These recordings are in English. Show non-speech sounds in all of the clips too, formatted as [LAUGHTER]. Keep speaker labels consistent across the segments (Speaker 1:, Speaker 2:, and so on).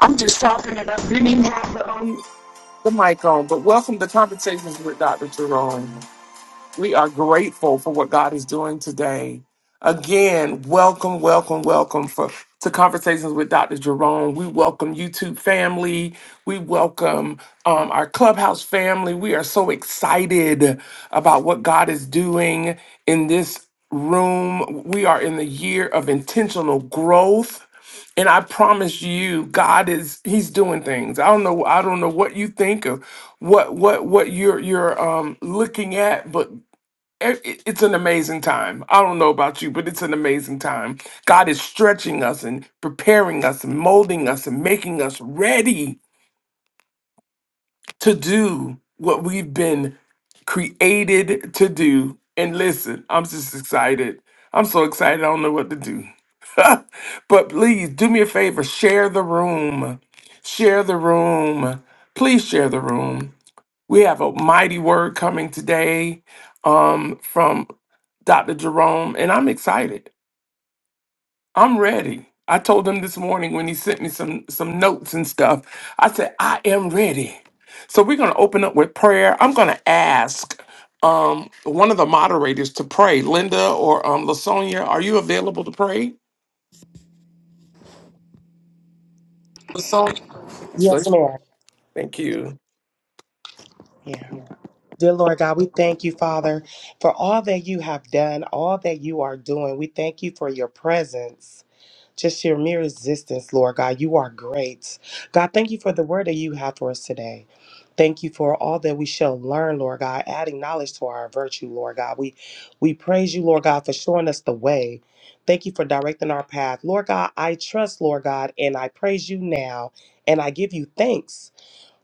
Speaker 1: I'm just talking and I didn't even have the, um, the mic on, but welcome to Conversations with Dr. Jerome. We are grateful for what God is doing today. Again, welcome, welcome, welcome for to Conversations with Dr. Jerome. We welcome YouTube family. We welcome um, our clubhouse family. We are so excited about what God is doing in this room. We are in the year of intentional growth. And I promise you, God is He's doing things. I don't know, I don't know what you think of what what what you're you're um looking at, but it- it- it's an amazing time. I don't know about you, but it's an amazing time. God is stretching us and preparing us and molding us and making us ready to do what we've been created to do. And listen, I'm just excited. I'm so excited. I don't know what to do. [LAUGHS] but please do me a favor share the room. Share the room. Please share the room. We have a mighty word coming today um, from Dr. Jerome, and I'm excited. I'm ready. I told him this morning when he sent me some some notes and stuff. I said, I am ready. So we're gonna open up with prayer. I'm gonna ask um, one of the moderators to pray. Linda or um, Lasonia, are you available to pray? Lasonia,
Speaker 2: Yes, ma'am.
Speaker 1: thank you.
Speaker 2: Yeah. Dear Lord God, we thank you, Father, for all that you have done, all that you are doing. We thank you for your presence, just your mere existence, Lord God. You are great. God, thank you for the word that you have for us today. Thank you for all that we shall learn, Lord God, adding knowledge to our virtue, Lord God. We we praise you, Lord God, for showing us the way. Thank you for directing our path. Lord God, I trust, Lord God, and I praise you now, and I give you thanks.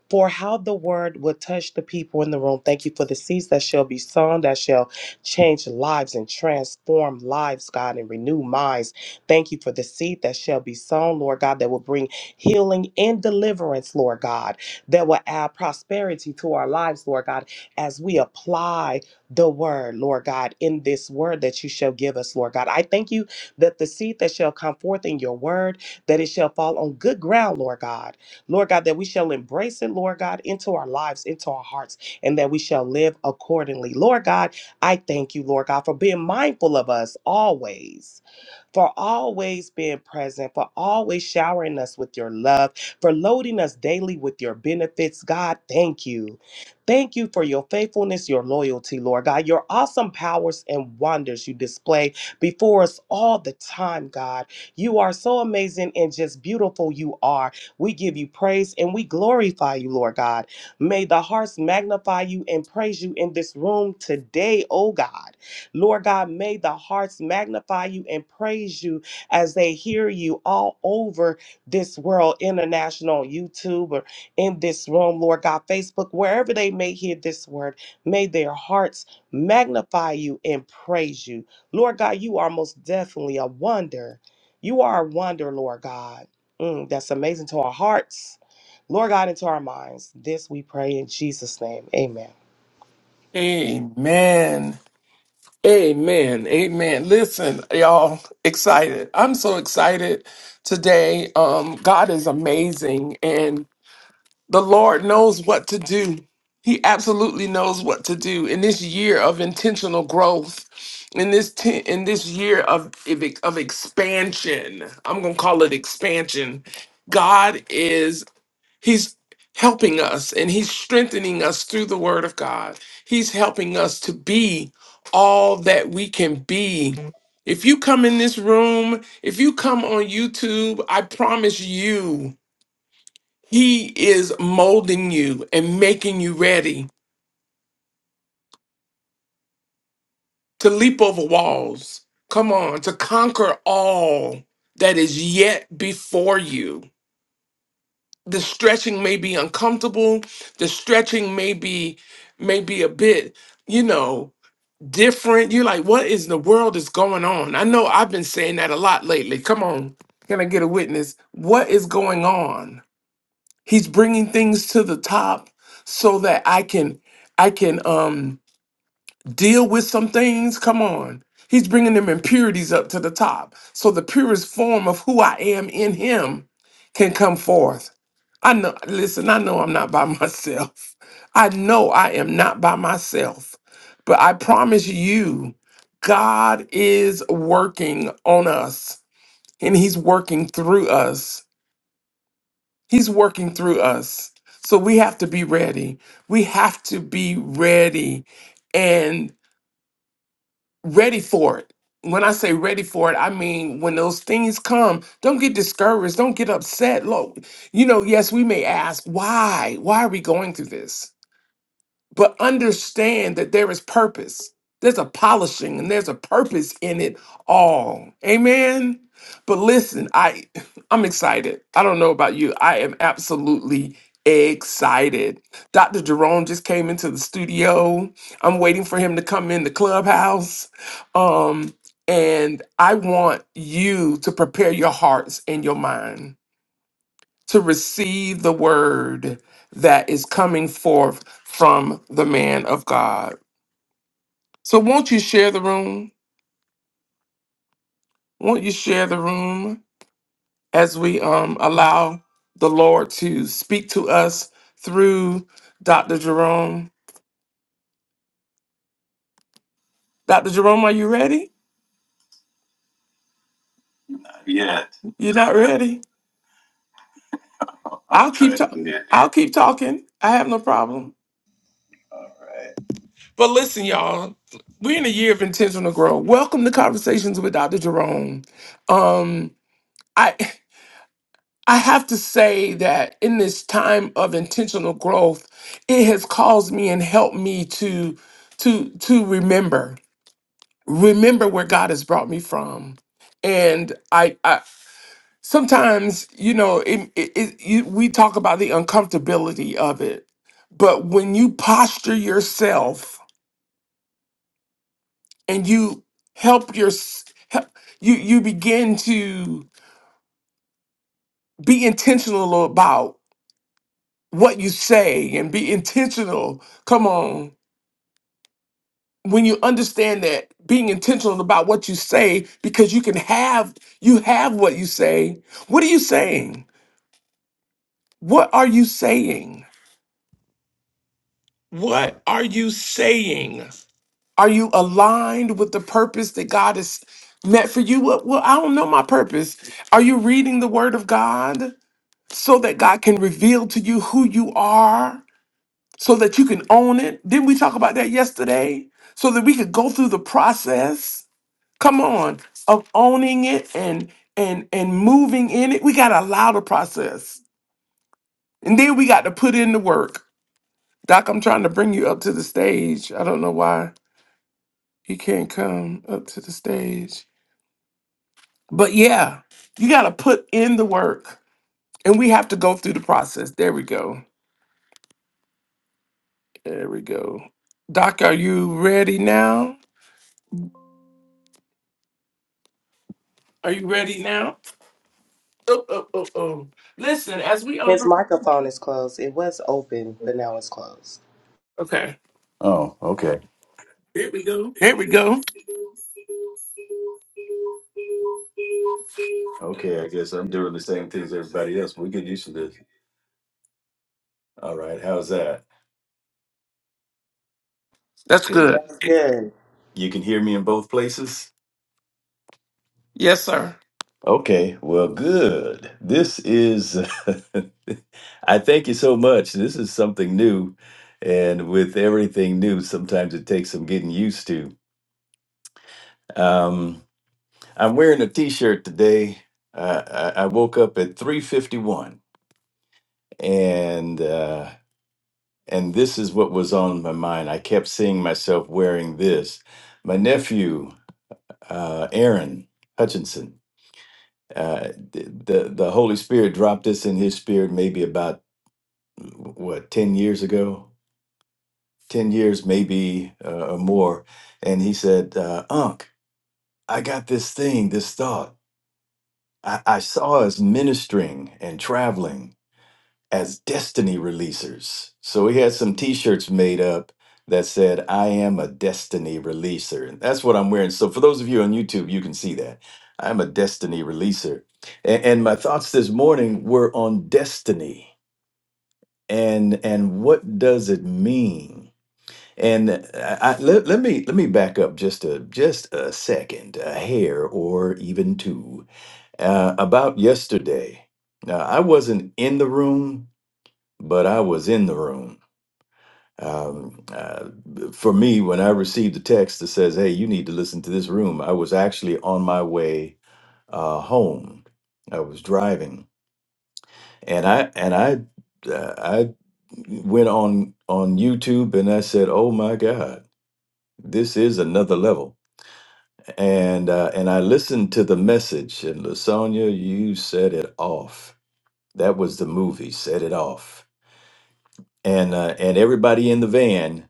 Speaker 2: for how the word will touch the people in the room. Thank you for the seeds that shall be sown, that shall change lives and transform lives, God, and renew minds. Thank you for the seed that shall be sown, Lord God, that will bring healing and deliverance, Lord God, that will add prosperity to our lives, Lord God, as we apply the word, Lord God, in this word that you shall give us, Lord God. I thank you that the seed that shall come forth in your word, that it shall fall on good ground, Lord God Lord God, that we shall embrace it, Lord God, into our lives, into our hearts, and that we shall live accordingly. Lord God, I thank you, Lord God, for being mindful of us always for always being present, for always showering us with your love, for loading us daily with your benefits. God, thank you. Thank you for your faithfulness, your loyalty, Lord God, your awesome powers and wonders you display before us all the time, God. You are so amazing and just beautiful you are. We give you praise and we glorify you, Lord God. May the hearts magnify you and praise you in this room today, oh God. Lord God, may the hearts magnify you and praise you as they hear you all over this world, international, YouTube, or in this room, Lord God, Facebook, wherever they may hear this word, may their hearts magnify you and praise you. Lord God, you are most definitely a wonder. You are a wonder, Lord God. Mm, that's amazing to our hearts. Lord God, into our minds. This we pray in Jesus' name. Amen.
Speaker 1: Amen. Amen. Amen. Listen, y'all, excited. I'm so excited today. Um, God is amazing. The Lord knows what to do. He absolutely knows what to do in this year of intentional growth, in this te- in this year of of ex- of expansion. I'm gonna call it expansion. God is He's helping us and He's strengthening us through the Word of God. He's helping us to be all that we can be. If you come in this room, if you come on YouTube, I promise you. He is molding you and making you ready to leap over walls. Come on, to conquer all that is yet before you. The stretching may be uncomfortable. The stretching may be may be a bit, you know, different. You're like, what is the world is going on? I know I've been saying that a lot lately. Come on. Can I get a witness? What is going on? He's bringing things to the top so that I can I can um deal with some things. Come on. He's bringing them impurities up to the top. So the purest form of who I am in him can come forth. I know, listen, I know I'm not by [LAUGHS] myself. I know I am not by myself. But I promise you, God is working on us and he's working through us. He's working through us. So we have to be ready. We have to be ready ready for it. When I say ready for it, I mean when those things come, don't get discouraged, don't get upset. Look, you know, yes, we may ask, why? Why are we going through this? but understand that there is purpose. There's a polishing and there's a purpose in it all. Amen. But listen, I [LAUGHS] I'm excited. I don't know about you. I am absolutely excited. Dr. Jerome just came into the studio. I'm waiting for him to come in the clubhouse. Um and I want you to prepare your hearts and your mind to receive the word that is coming forth from the man of God. So won't you share the room? Won't you share the room as we um allow the Lord to speak to us through Dr. Jerome? Dr. Jerome, are you ready? Yeah, You're not ready? I'll keep talking. yeah. I'll keep talking. I have no problem. But listen, y'all, we're in a year of intentional growth. Welcome to Conversations with Dr. Jerome. Um, I [LAUGHS] I have to say that in this time of intentional growth, it has caused me and helped me to to to remember remember where God has brought me from. And I, I sometimes you know it, it, it, you, we talk about the uncomfortability of it, but when you posture yourself and you help your help, you you begin to be intentional about what you say and be intentional. Come on. When you understand that being intentional about what you say because you can have you have what you say. What are you saying? What are you saying? What are you saying? Are you aligned with the purpose that God has meant for you? Well, well, I don't know my purpose. Are you reading the word of God so that God can reveal to you who you are? so that you can own it. Didn't we talk about that yesterday? So that we could go through the process. Come on, of owning it and and and moving in it. We got to allow the process, and then we got to put in the work. Doc, I'm trying to bring you up to the stage. I don't know why you can't come up to the stage, but yeah, you got to put in the work, and we have to go through the process. There we go. There we go. Doc, are you ready now? Are you ready now? Oh, oh, oh, oh. Listen, as we
Speaker 2: His
Speaker 1: um,
Speaker 2: microphone is closed. It was open, but now it's closed.
Speaker 1: okay,
Speaker 3: Oh, okay. Here we go.
Speaker 1: there we go.
Speaker 3: Okay, I guess I'm doing the same things everybody else. We get used to this. All right, how's that?
Speaker 1: That's
Speaker 3: Can
Speaker 1: good.
Speaker 3: you
Speaker 2: That's good.
Speaker 3: you can hear me in both places?
Speaker 1: Yes, sir.
Speaker 3: Okay, well, good. This is [LAUGHS] I thank you so much. This is something new, and with everything new, sometimes it takes some getting used to. Um, I'm wearing a T-shirt today. Uh, I, I woke up at 3:51. and uh, and this is what was on my mind. I kept seeing myself wearing this. My nephew, uh, Aaron Hutchinson, uh, th- the the Holy Spirit dropped this in his spirit maybe about what ten years ago, ten years maybe uh, or more, and he said, uh, "Unc, I got this thing, this thought. I, I saw us ministering and traveling." as destiny releasers. So we had some t-shirts made up that said, I am a destiny releaser. And that's what I'm wearing. So for those of you on YouTube, you can see that. I'm a destiny releaser. And, and my thoughts this morning were on destiny and and what does it mean? And I, I, let, let me let me back up just a just a second, a hair or even two, uh, about yesterday. Now I wasn't in the room, but I was in the room. Um, uh, for me, when I received the text that says, "Hey, you need to listen to this room," I was actually on my way uh, home. I was driving, and I and I uh, I went on on YouTube and I said, "Oh my God, this is another level." And uh, and I listened to the message, and Lasonia, you set it off. That was the movie, set it off, and uh, and everybody in the van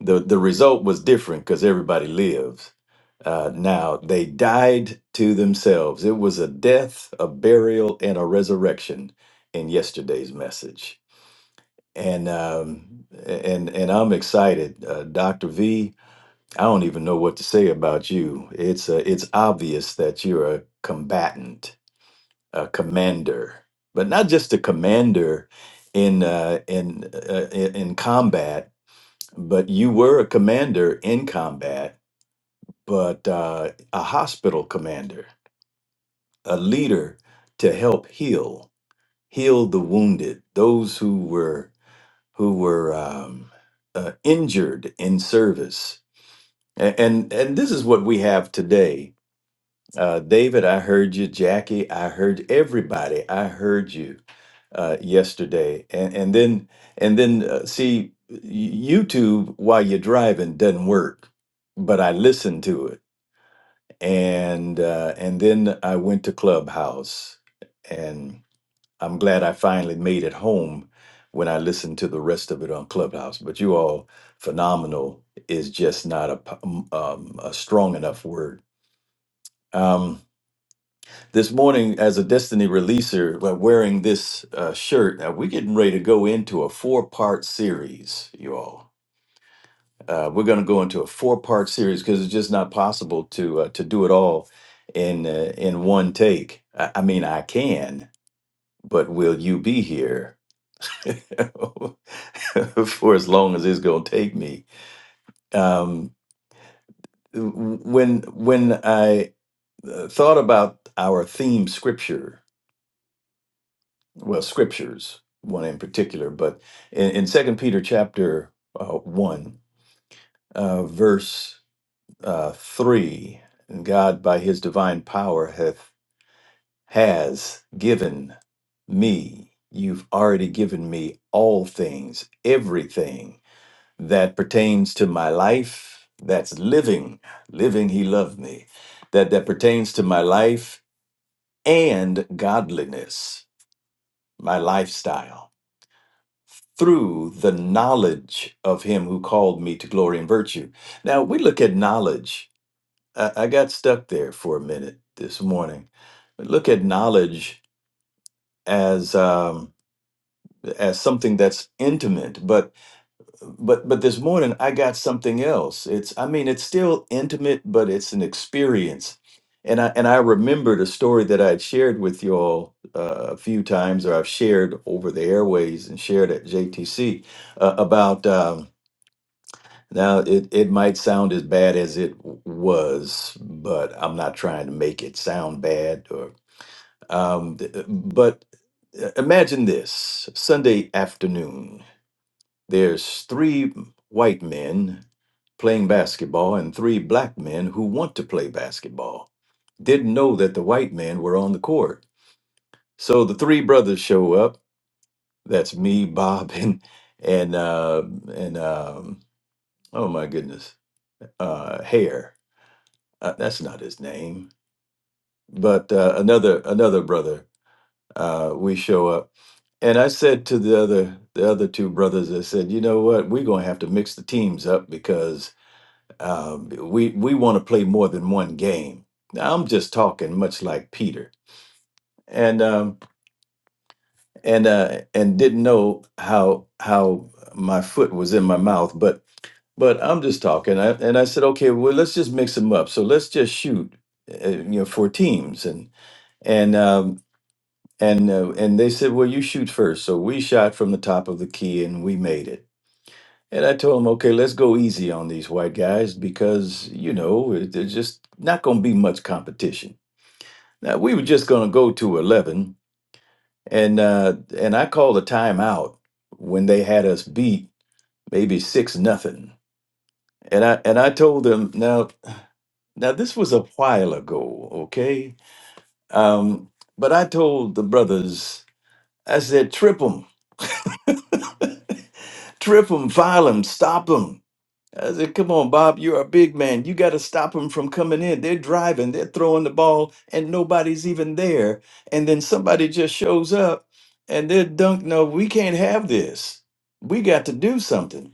Speaker 3: the the result was different because everybody lives. Uh, now they died to themselves. It was a death, a burial, and a resurrection in yesterday's message. And um, and and I'm excited, uh, Doctor V. I don't even know what to say about you. It's uh, it's obvious that you're a combatant, a commander, but not just a commander in uh, in uh, in in combat but you were a commander in combat, but uh, a hospital commander, a leader to help heal, heal the wounded, those who were who were um, uh, injured in service. And, and and this is what we have today Uh, David, I heard you. Jackie, I heard everybody. I heard you uh, yesterday, and and then and then uh, see y- YouTube while you're driving doesn't work, but I listened to it, and uh, and then I went to Clubhouse, and I'm glad I finally made it home when I listened to the rest of it on Clubhouse. But you all phenomenal is just not a p- um, a strong enough word. Um, this morning as a Destiny releaser, uh, wearing this uh, shirt. Now we're getting ready to go into a four-part series, you all. Uh, we're going to go into a four-part series because it's just not possible to uh, to do it all in uh, in one take. I, I mean, I can, but will you be here [LAUGHS] for as long as it's going to take me? Um, when when I uh, thought about our theme scripture well scriptures one in particular but in, in second peter chapter uh, 1 uh, verse uh, 3 and god by his divine power hath has given me you've already given me all things everything that pertains to my life that's living living he loved me that that pertains to my life and godliness my lifestyle through the knowledge of him who called me to glory and virtue. Now we look at knowledge. I, I got stuck there for a minute this morning. We look at knowledge as um, as something that's intimate, but but but this morning I got something else. It's I mean it's still intimate, but it's an experience. And I, and I remembered a story that I had shared with you all uh, a few times, or I've shared over the airways and shared at JTC uh, about Um, Now, it, it might sound as bad as it w- was, but I'm not trying to make it sound bad. Or, um, th- but uh, imagine this Sunday afternoon, there's three white men playing basketball and three black men who want to play basketball. Didn't know that the white men were on the court. So the three brothers show up. That's me, [LAUGHS] Bob, and and uh, and um, oh my goodness, uh, Hare uh, that's not his name, but uh, another another brother. Uh, we show up, and I said to the other the other two brothers, I said, you know what, we're gonna have to mix the teams up because um, we we want to play more than one game. Now, I'm just talking, much like Peter, and um, and uh, and didn't know how how my foot was in my mouth, but but I'm just talking, I, and I said, okay, well, let's just mix them up. So let's just shoot, uh, you know, for teams, and and um, And uh, and they said, "Well, you shoot first." So we shot from the top of the key and we made it. And I told them, "Okay, let's go easy on these white guys because you know it- there's just not going to be much competition." Now we were just going to go to eleven, and uh, and I called a timeout when they had us beat maybe six nothing. And I and I told them now now this was a while ago, okay? Um, but I told the brothers, I said, "Trip them." [LAUGHS] Trip them, file them, stop them. I said, come on, Bob, you're a big man. You got to stop them from coming in. They're driving, they're throwing the ball, and nobody's even there. And then somebody just shows up and they're dunked. No, we can't have this. We got to do something.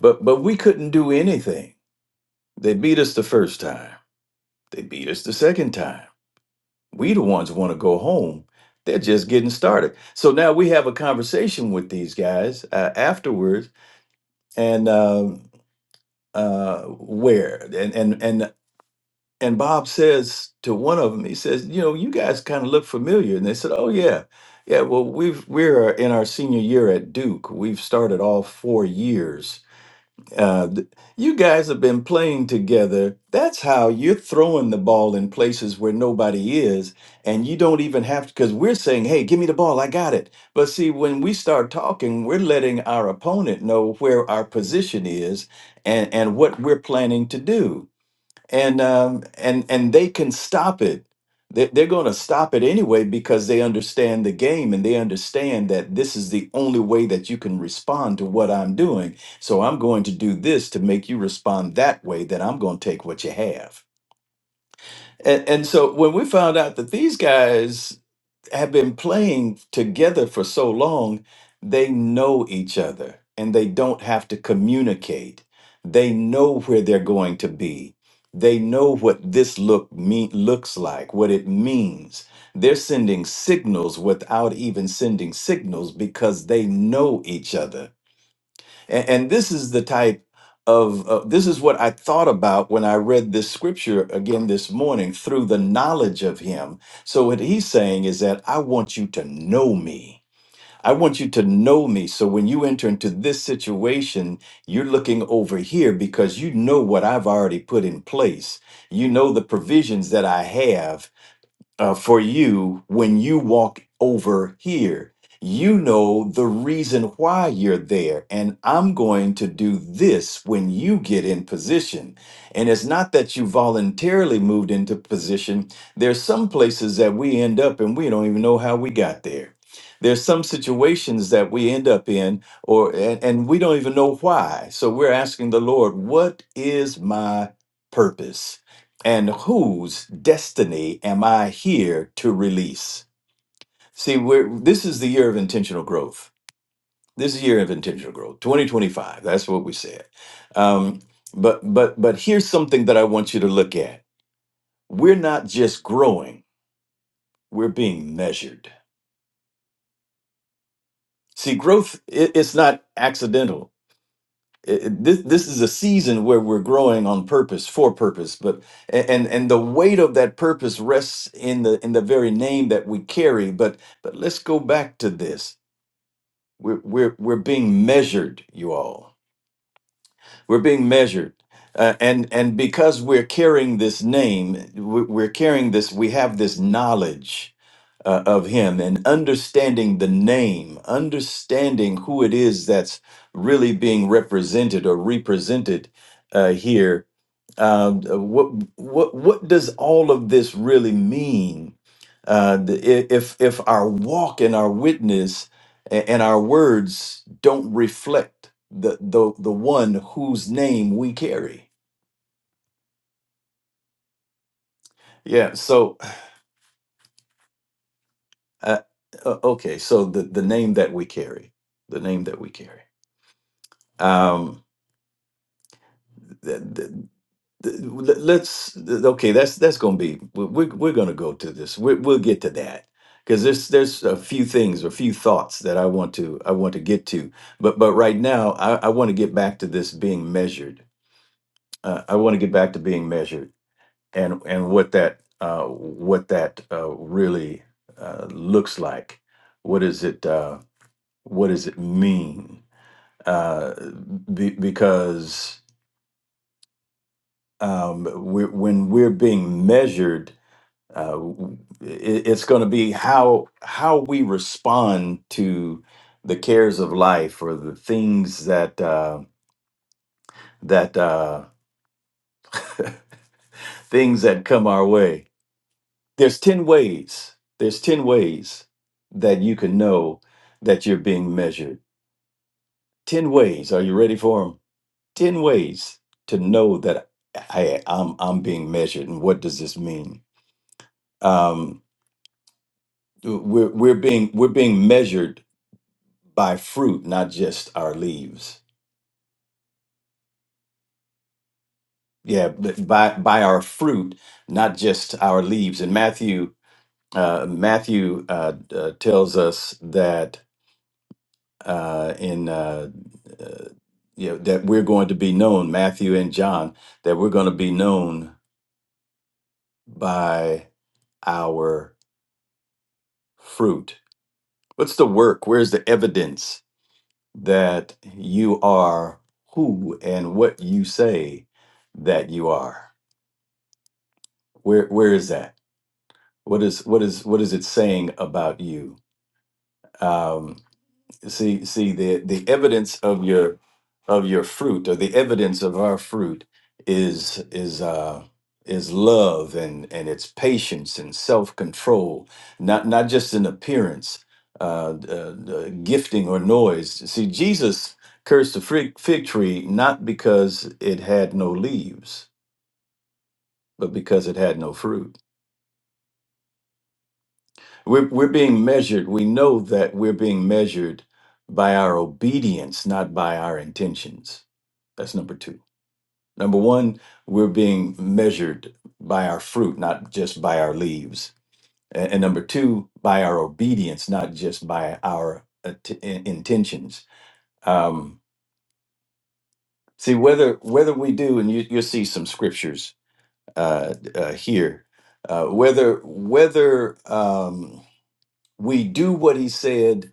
Speaker 3: But but we couldn't do anything. They beat us the first time. They beat us the second time. We the ones want to go home. They're just getting started. So now we have a conversation with these guys uh, afterwards, and um, uh, where and and and and Bob says to one of them, he says, you know, you guys kind of look familiar, and they said, oh yeah, yeah. Well, we've we're in our senior year at Duke. We've started all four years uh, th- you guys have been playing together. That's how you're throwing the ball in places where nobody is, and you don't even have to. Because we're saying, "Hey, give me the ball, I got it." But see, when we start talking, we're letting our opponent know where our position is and and what we're planning to do and um, and and they can stop it. They- They're going to stop it anyway because they understand the game and they understand that this is the only way that you can respond to what I'm doing. So I'm going to do this to make you respond that way. That I'm going to take what you have. And, and so when we found out that these guys have been playing together for so long, they know each other and they don't have to communicate. They know where they're going to be. They know what this look mean, looks like, what it means. They're sending signals without even sending signals because they know each other and, and this is the type of, uh, this is what I thought about when I read this scripture again this morning through the knowledge of him. So, what he's saying is that I want you to know me. I want you to know me. So, when you enter into this situation, you're looking over here because you know what I've already put in place. You know the provisions that I have uh, for you when you walk over here. You know the reason why you're there. And I'm going to do this when you get in position. And it's not that you voluntarily moved into position. There's some places that we end up and we don't even know how we got there. There's some situations that we end up in or and, and we don't even know why. So we're asking the Lord, what is my purpose? and whose destiny am I here to release? See, we're, this is the year of intentional growth. This is the year of intentional growth, 2025. That's what we said. Um, but but but here's something that I want you to look at. We're not just growing; we're being measured. See, growth i- it's not accidental it- it- this this is a season where we're growing on purpose for purpose but and and the weight of that purpose rests in the in the very name that we carry but but let's go back to this we're we're, we're being measured you all we're being measured. Uh, and and because we're carrying this name, we- we're carrying this. We have this knowledge uh, of Him and understanding the name, understanding who it is that's really being represented or represented uh, here um, what what what does all of this really mean? Uh, the- i- if if our walk and our witness a- and our words don't reflect the the the one whose name we carry, yeah. So uh, uh, okay, so the the name that we carry, the name that we carry. Um, th- let- let's th- okay that's that's gonna be we- we're, we're gonna go to this we we'll get to that because there's there's a few things a few thoughts that i want to i want to get to but but right now i, I want to get back to this being measured uh, i want to get back to being measured and and what that uh, what that uh, really uh, looks like what is it uh, what does it mean uh, be, because um, we when we're being measured uh, w- it, it's going to be how how we respond to the cares of life or the things that uh, that uh, [LAUGHS] things that come our way. There's ten ways. There's ten ways that you can know that you're being measured. Ten ways. Are you ready for them? Ten ways to know that I, I'm I'm being measured. And what does this mean? Um, we're we're being we're being measured by fruit, not just our leaves. Yeah, but by by our fruit, not just our leaves. And Matthew uh, Matthew uh, uh, tells us that uh, in uh, uh, you know that we're going to be known. Matthew and John that we're going to be known by our fruit. What's the work? Where's the evidence that you are who and what you say that you are? Where where is that? what is what is what is it saying about you um see see the the evidence of your of your fruit or the evidence of our fruit is is uh is love and and it's patience and self-control not not just an appearance uh, uh, uh gifting or noise see jesus cursed the fig fig tree not because it had no leaves but because it had no fruit We're, we're being measured. We know that we're being measured by our obedience, not by our intentions. That's number two. Number one, we're being measured by our fruit, not just by our leaves. A- And, number two, by our obedience, not just by our att- in- intentions. Um, see whether whether we do, and you, you'll see some scriptures uh, uh, here. Uh, whether whether um, we do what he said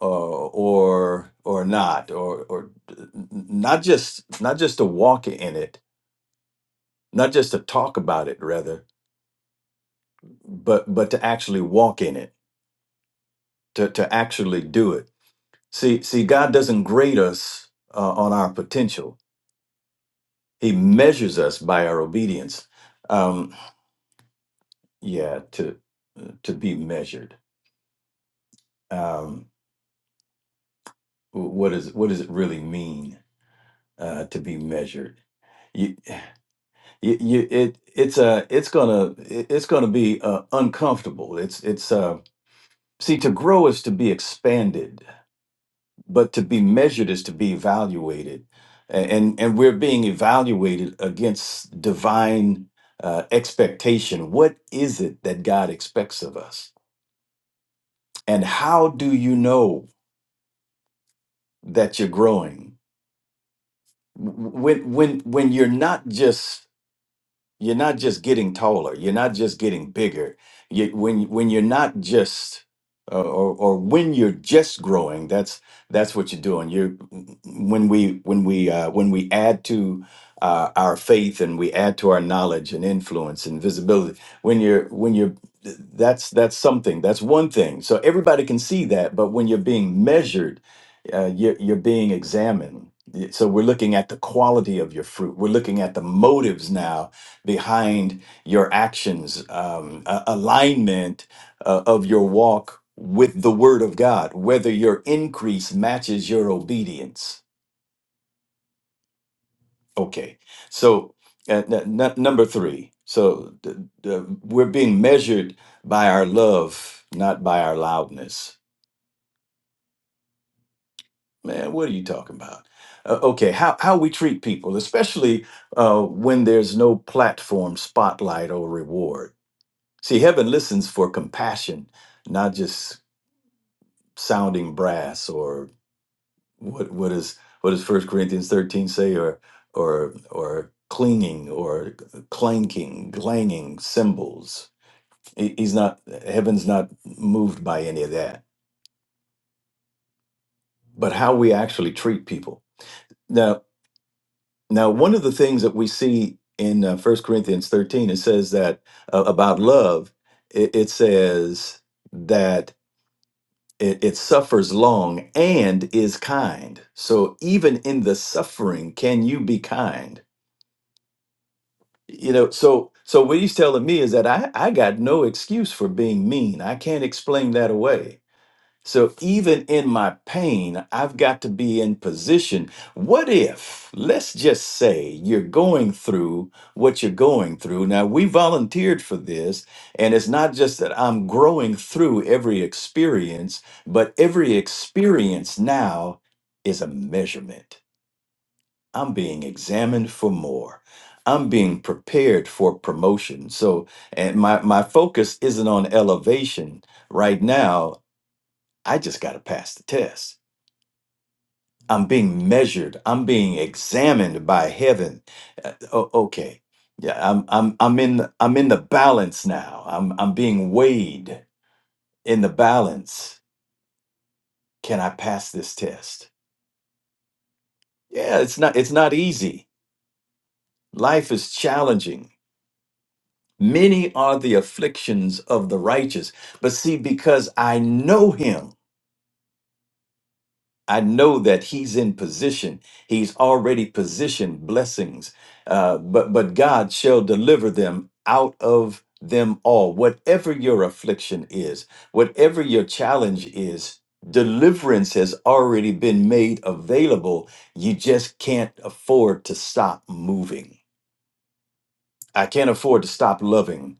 Speaker 3: uh, or or not or or not just not just to walk in it not just to talk about it rather but but to actually walk in it to, to actually do it see see god doesn't grade us uh, on our potential he measures us by our obedience um yeah to to be measured um wh- what is what does it really mean uh to be measured you, you it it's a it's gonna it- it's gonna be uh, uncomfortable it's it's uh see to grow is to be expanded but to be measured is to be evaluated A- and and we're being evaluated against divine uh, expectation what is it that god expects of us and how do you know that you're growing W- w- when when when you're not just you're not just getting taller you're not just getting bigger you, when when you're not just uh, or or when you're just growing that's that's what you're doing you when we when we uh, when we add to uh, our faith and we add to our knowledge and influence and visibility when you're when you're that's that's something that's one thing so everybody can see that but when you're being measured uh, you're, you're being examined. So we're looking at the quality of your fruit. We're looking at the motives now behind your actions, um, a- alignment uh, of your walk with the Word of God, whether your increase matches your obedience. Okay, so uh, n- n- number three. So th- th- we're being measured by our love, not by our loudness. Man, what are you talking about? Uh, okay, how, how we treat people, especially uh, when there's no platform, spotlight, or reward. See, heaven listens for compassion, not just sounding brass or what what is what does First Corinthians thirteen say, or or or clinging or clanking, clanging cymbals. He- He's not heaven's not moved by any of that, but how we actually treat people. Now, one of the things that we see in uh, 1 Corinthians 13, it says that uh, about love, it, it says that it, it suffers long and is kind. So even in the suffering, can you be kind? You know, so so what he's telling me is that I, I got no excuse for being mean. I can't explain that away. So even in my pain, I've got to be in position. What if, let's just say, you're going through what you're going through? Now, we volunteered for this, and it's not just that I'm growing through every experience, but every experience now is a measurement. I'm being examined for more. I'm being prepared for promotion. So, and my, my focus isn't on elevation right now I just got to pass the test. I'm being measured. I'm being examined by heaven. Uh, o- okay. Yeah, I'm I'm I'm in the, I'm in the balance now. I'm I'm being weighed in the balance. Can I pass this test? Yeah, it's not it's not easy. Life is challenging. Many are the afflictions of the righteous, but see because I know him I know that he's in position. He's already positioned blessings. Uh, but but God shall deliver them out of them all. Whatever your affliction is, whatever your challenge is, deliverance has already been made available. You just can't afford to stop moving. I can't afford to stop loving.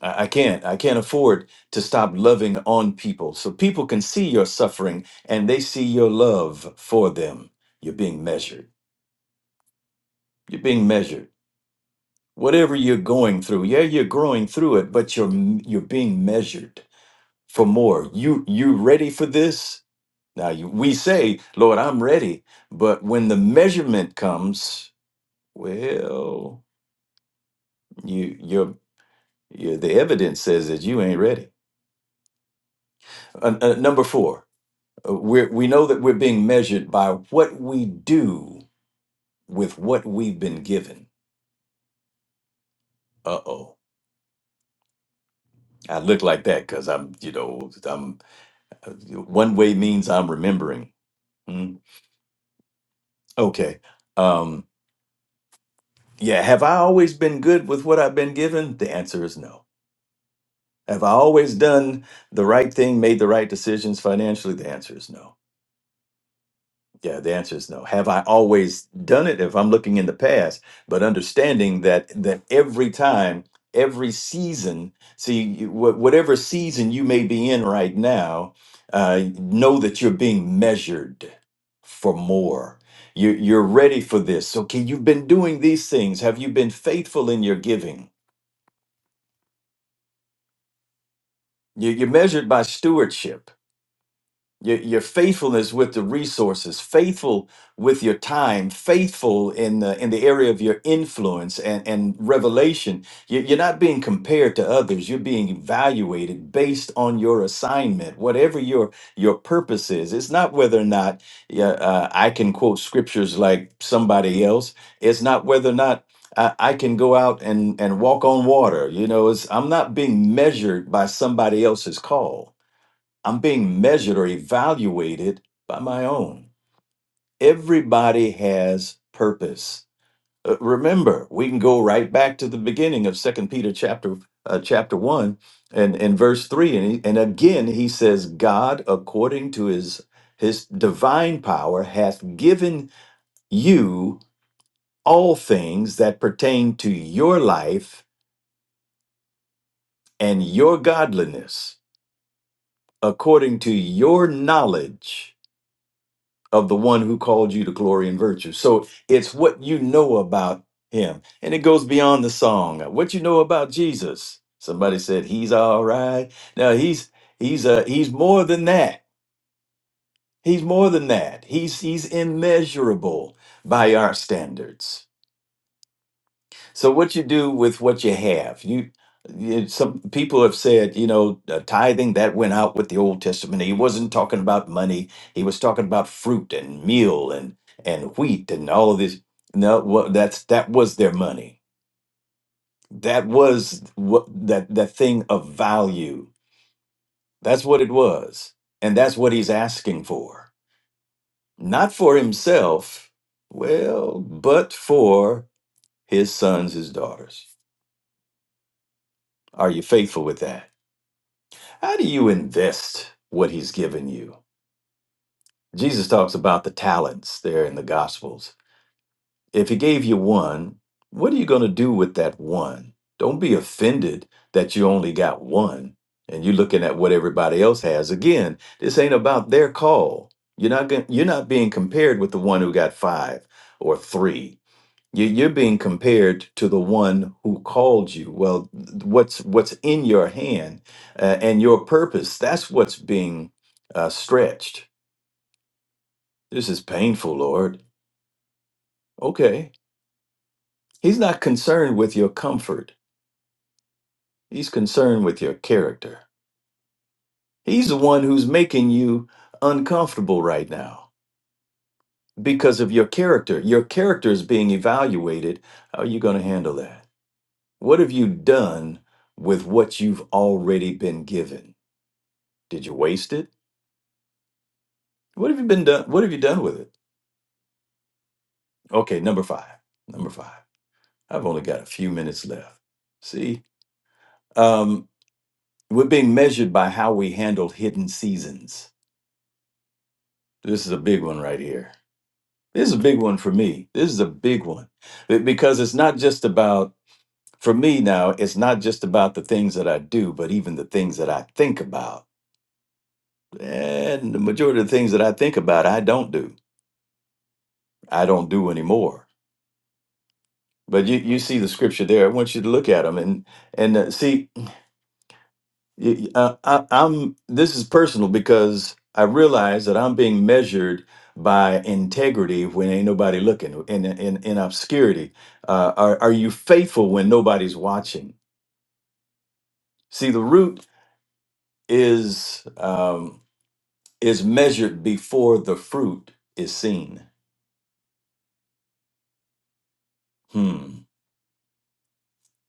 Speaker 3: I, I can't. I can't afford to stop loving on people. So people can see your suffering and they see your love for them. You're being measured. You're being measured. Whatever you're going through, yeah, you're growing through it, but you're you're being measured for more. You you ready for this? Now you, we say, Lord, I'm ready, but when the measurement comes, well, you you're, you the evidence says that you ain't ready. Uh, uh, number four. Uh, We're, we know that we're being measured by what we do with what we've been given. Uh oh. I look like that because I'm, you know, I'm uh, one way means I'm remembering. Mm, okay. Um, yeah. Have I always been good with what I've been given? The answer is no. Have I always done the right thing, made the right decisions financially? The answer is no. Yeah, the answer is no. Have I always done it if I'm looking in the past? But understanding that that every time, every season, see you- wha- whatever season you may be in right now, uh, know that you're being measured for more. You're, you're ready for this. Okay, you've been doing these things. Have you been faithful in your giving? You- You're measured by stewardship Your, your faithfulness with the resources, faithful with your time, faithful in the in the area of your influence and, and revelation. You- You're not being compared to others. You're being evaluated based on your assignment, whatever your your purpose is. It's not whether or not yeah, uh, I can quote scriptures like somebody else. It's not whether or not I, I can go out and and walk on water. You know, it's I'm not being measured by somebody else's call I'm being measured or evaluated by my own. Everybody has purpose. Uh, Remember, we can go right back to the beginning of Second Peter chapter uh, chapter one and and verse three, and he, and again he says, God, according to his his divine power, hath given you all things that pertain to your life and your godliness, according to your knowledge of the one who called you to glory and virtue. So it's what you know about him. And it goes beyond the song. What you know about Jesus. Somebody said he's all right. Now he's he's uh he's more than that. He's more than that. He's he's immeasurable by our standards. So what you do with what you have, you, you some people have said, you know, uh, tithing that went out with the Old Testament. He wasn't talking about money. He was talking about fruit and meal and and wheat and all of this. No, well, that's that was their money. That was what that that thing of value. That's what it was, and that's what he's asking for, not for himself, well, but for his sons, his daughters. Are you faithful with that? How do you invest what he's given you? Jesus talks about the talents there in the Gospels. If he gave you one, what are you going to do with that one? Don't be offended that you only got one and you're looking at what everybody else has. Again, this ain't about their call. You're not going you're not being compared with the one who got 5 or 3 you- You're being compared to the one who called you. Well, th- what's what's in your hand uh, and your purpose? That's what's being uh, stretched. This is painful, Lord. Okay, He's not concerned with your comfort. He's concerned with your character. He's the one who's making you uncomfortable right now because of your character. Your character is being evaluated. How are you going to handle that? What have you done with what you've already been given? Did you waste it? What have you been done? What have you done with it? Okay, number five. Number five. I've only got a few minutes left. See, um, we're being measured by how we handle hidden seasons. This is a big one right here. This is a big one for me. This is a big one Be- because it's not just about for me now. It's not just about the things that I do, but even the things that I think about. And the majority of the things that I think about, I don't do. I don't do anymore but you you see the scripture there. I want you to look at them and and uh, see. y- y- Uh, I, I'm this is personal because I realize that I'm being measured by integrity when ain't nobody looking in in in obscurity. Uh, are are you faithful when nobody's watching? See, the root is um, is measured before the fruit is seen. Hmm.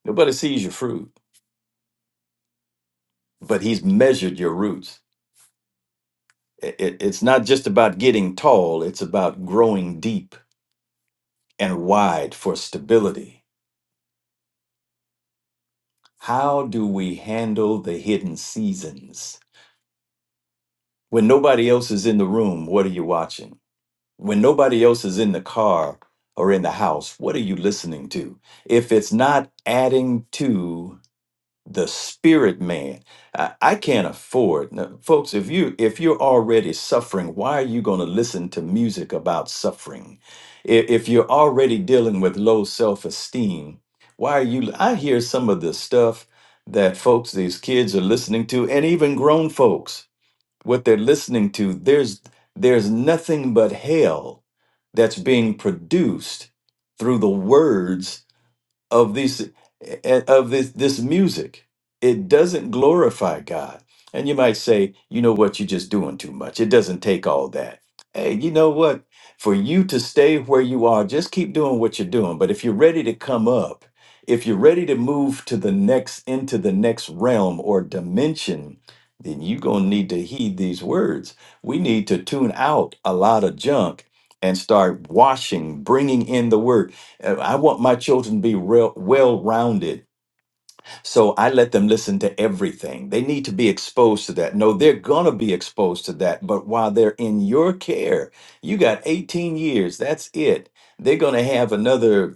Speaker 3: Nobody sees your fruit, but he's measured your roots. It, it- it's not just about getting tall, it's about growing deep and wide for stability. How do we handle the hidden seasons? When nobody else is in the room, what are you watching? When nobody else is in the car or in the house, what are you listening to? If it's not adding to the spirit man i, I can't afford no, folks if you if you're already suffering why are you going to listen to music about suffering if, if you're already dealing with low self-esteem why are you i hear some of the stuff that folks these kids are listening to and even grown folks what they're listening to there's there's nothing but hell that's being produced through the words of these eh, of this this music. It doesn't glorify God. And you might say, you know what, you're just doing too much. It doesn't take all that. Hey, you know what? For you to stay where you are, just keep doing what you're doing. But if you're ready to come up, if you're ready to move to the next into the next realm or dimension, then you're gonna need to heed these words. We need to tune out a lot of junk and start washing, bringing in the word. Uh, I want my children to be real, well rounded. So I let them listen to everything. They need to be exposed to that. No, they're going to be exposed to that. But while they're in your care, you got 18 years. That's it. They're going to have another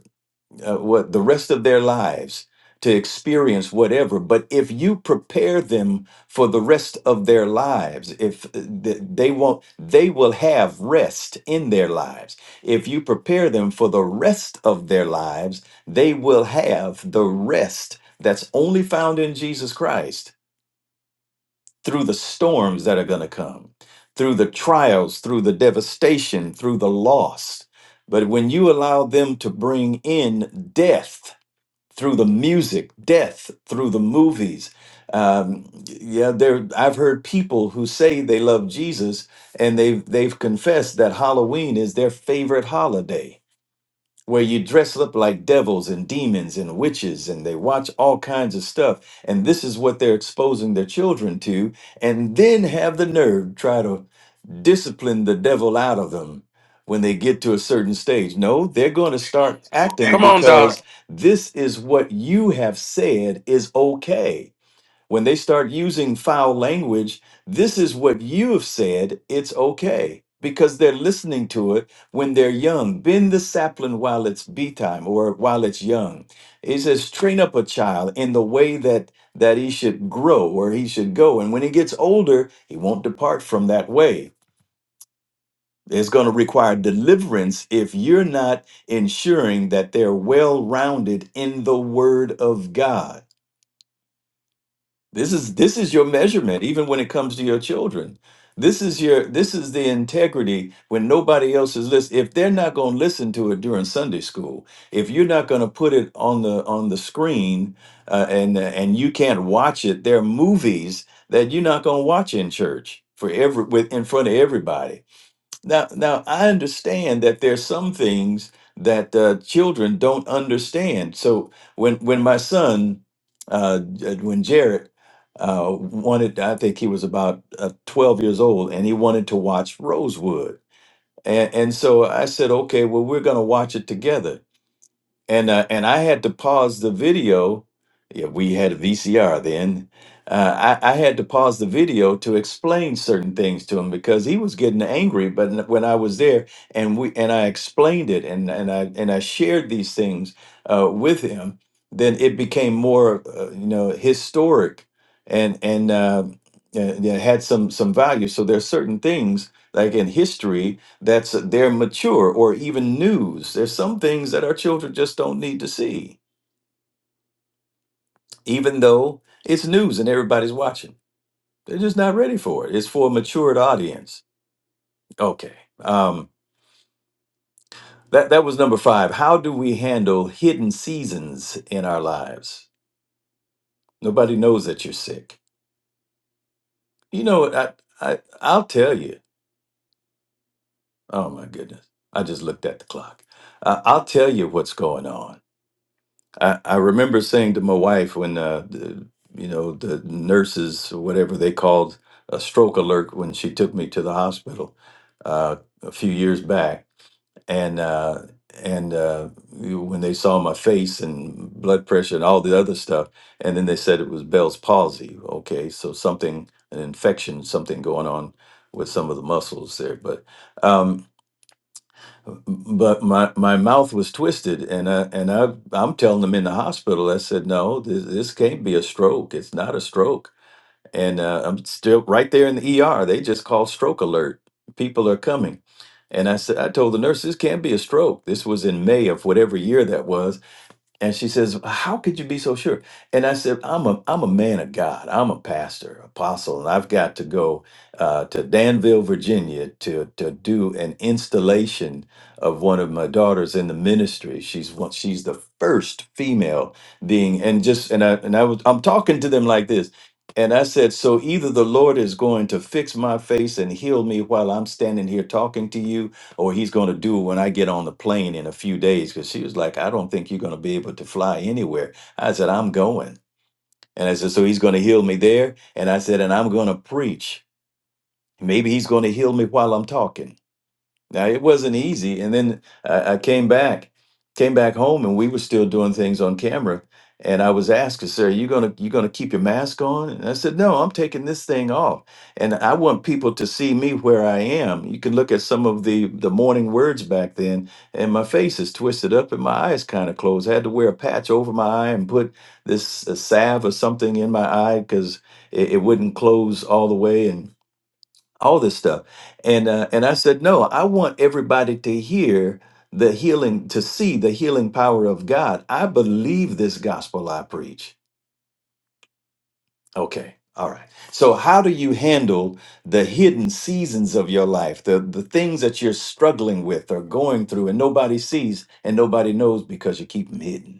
Speaker 3: uh, what the rest of their lives to experience whatever but if you prepare them for the rest of their lives if uh, th- they won't they will have rest in their lives if you prepare them for the rest of their lives they will have the rest that's only found in Jesus Christ through the storms that are going to come through the trials through the devastation through the loss but when you allow them to bring in death through the music, death through the movies. Um, yeah, there. I've heard people who say they love Jesus, and they've they've confessed that Halloween is their favorite holiday, where you dress up like devils and demons and witches, and they watch all kinds of stuff. And this is what they're exposing their children to, and then have the nerve try to discipline the devil out of them when they get to a certain stage. No, they're going to start acting
Speaker 1: Come on, Doc.
Speaker 3: because this is what you have said is okay. When they start using foul language, this is what you have said, it's okay. Because they're listening to it when they're young. Bend the sapling while it's bee time or while it's young. It says, train up a child in the way that that he should grow or he should go. And when he gets older, he won't depart from that way it's going to require deliverance if you're not ensuring that they're well-rounded in the word of God. This is this is your measurement even when it comes to your children. This is your this is the integrity when nobody else is listening. If they're not going to listen to it during Sunday school, if you're not going to put it on the on the screen uh, and and you can't watch it, there are movies that you're not going to watch in church for every with in front of everybody now, now I understand that there's some things that uh, children don't understand. So when when my son, uh, J- uh, when Jared uh, wanted, I think he was about uh, 12 years old, and he wanted to watch Rosewood, and and so I said, okay, well we're going to watch it together and uh, and I had to pause the video. Yeah, we had a VCR then. Uh, I, I had to pause the video to explain certain things to him because he was getting angry. But n- when I was there, and we and I explained it, and and I and I shared these things uh, with him, then it became more, uh, you know, historic, and and uh, and it had some some value. So there's certain things like in history that's they're mature or even news. There's some things that our children just don't need to see, even though it's news and everybody's watching. They're just not ready for it. It's for a matured audience. Okay. Um, that that was number five. How do we handle hidden seasons in our lives? Nobody knows that you're sick. You know, what? I, I I'll tell you. Oh my goodness, I just looked at the clock. Uh, I'll tell you what's going on I, I remember saying to my wife when uh, the, you know the nurses or whatever they called a stroke alert when she took me to the hospital uh, a few years back and uh, and uh, you- when they saw my face and blood pressure and all the other stuff and then they said it was Bell's palsy okay so something an infection something going on with some of the muscles there but um, but my my mouth was twisted and I, and I I'm telling them in the hospital I said no this, this can't be a stroke it's not a stroke and uh, I'm still right there in the ER they just call stroke alert people are coming and I said I told the nurse this can't be a stroke this was in May of whatever year that was and she says, "How could you be so sure?" And I said, "I'm a I'm a man of God. I'm a pastor, apostle, and I've got to go uh, to Danville, Virginia, to to do an installation of one of my daughters in the ministry. She's one, she's the first female being, and just and I and I was I'm talking to them like this." And I said, so either the Lord is going to fix my face and heal me while I'm standing here talking to you, or he's going to do when I get on the plane in a few days. Because she was like, I don't think you're going to be able to fly anywhere. I said, I'm going. And I said, So he's going to heal me there. And I said, And I'm going to preach. Maybe he's going to heal me while I'm talking. Now it wasn't easy, and then I, I came back, came back home, and we were still doing things on camera. And I was asked, "Sir, you gonna you gonna keep your mask on?" And I said, "No, I'm taking this thing off, and I want people to see me where I am. You can look at some of the the morning words back then, and my face is twisted up, and my eyes kind of closed. I had to wear a patch over my eye and put this uh, salve or something in my eye because it, it wouldn't close all the way, And all this stuff and uh, and i said no i want everybody to hear the healing to see the healing power of god i believe this gospel i preach okay all right so how do you handle the hidden seasons of your life the the things that you're struggling with or going through and nobody sees and nobody knows because you keep them hidden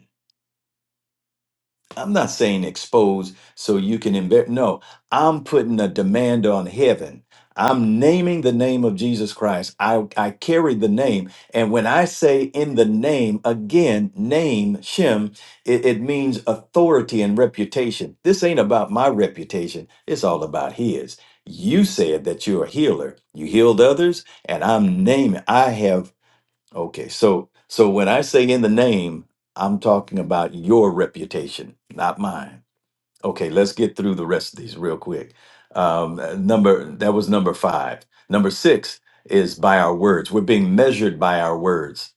Speaker 3: I'm not saying expose so you can embarrass. No, I'm putting a demand on heaven. I'm naming the name of Jesus Christ. I, I carry the name. And when I say in the name, again, name, Shem, it, it means authority and reputation. This ain't about my reputation, it's all about his. You said that you're a healer. You healed others, and I'm naming. I have Okay, so so when I say in the name, I'm talking about your reputation, not mine. Okay, let's get through the rest of these real quick. Um, uh, number that was number five. Number six is by our words. We're being measured by our words,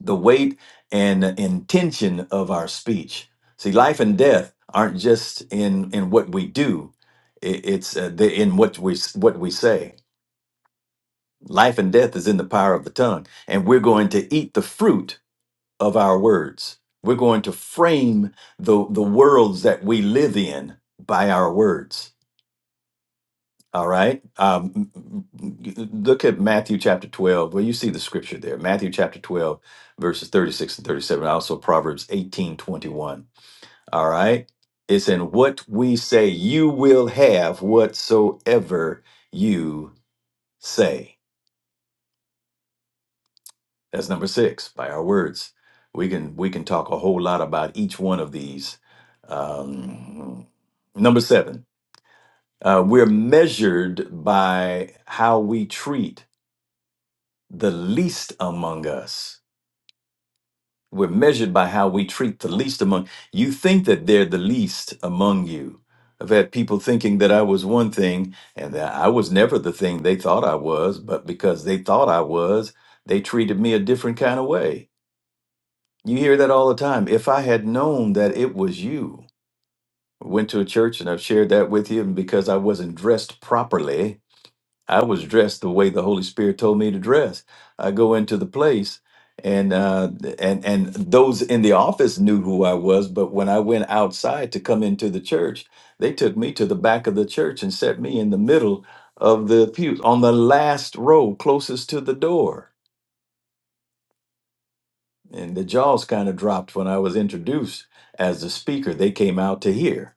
Speaker 3: the weight and intention of our speech. See, life and death aren't just in in what we do; i- it's uh, the, in what we s- what we say. Life and death is in the power of the tongue, and we're going to eat the fruit of our words. We're going to frame the, the worlds that we live in by our words. All right. Um, look at Matthew chapter 12. Well, you see the scripture there. Matthew chapter 12, verses 36 and 37. Also, Proverbs eighteen twenty All right. It's in what we say, you will have whatsoever you say. That's number six. By our words, we can we can talk a whole lot about each one of these. Um, number seven, uh, we're measured by how we treat the least among us. We're measured by how we treat the least among. You think that they're the least among you. I've had people thinking that I was one thing and that I was never the thing they thought I was, but because they thought I was, they treated me a different kind of way You hear that all the time. If I had known that it was you, went to a church and I've shared that with you, and because I wasn't dressed properly, I was dressed the way the Holy Spirit told me to dress. I go into the place, and uh, and and those in the office knew who I was, but when I went outside to come into the church, they took me to the back of the church and set me in the middle of the pew on the last row, closest to the door and the jaws kind of dropped when I was introduced as the speaker. They came out to hear.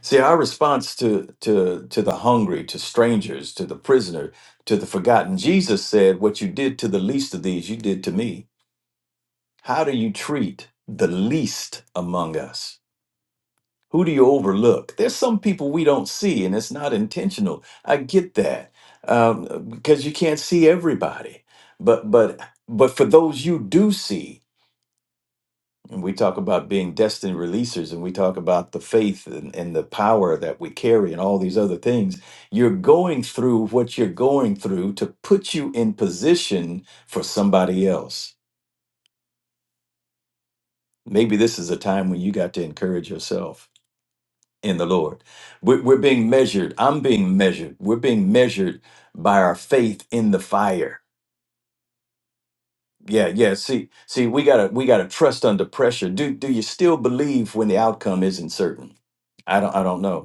Speaker 3: See, our response to to to the hungry, to strangers, to the prisoner, to the forgotten. Jesus said, "What you did to the least of these, you did to me." How do you treat the least among us? Who do you overlook? There's some people we don't see, and it's not intentional. I get that um, because you can't see everybody, but but but for those you do see And we talk about being destined releasers and we talk about the faith and, and the power that we carry and all these other things. You're going through what you're going through to put you in position for somebody else. Maybe this is a time when you got to encourage yourself in the Lord. We're, we're being measured. I'm being measured. We're being measured by our faith in the fire. Yeah, yeah. See, see, we gotta we gotta trust under pressure. Do do you still believe when the outcome isn't certain? I don't I don't know.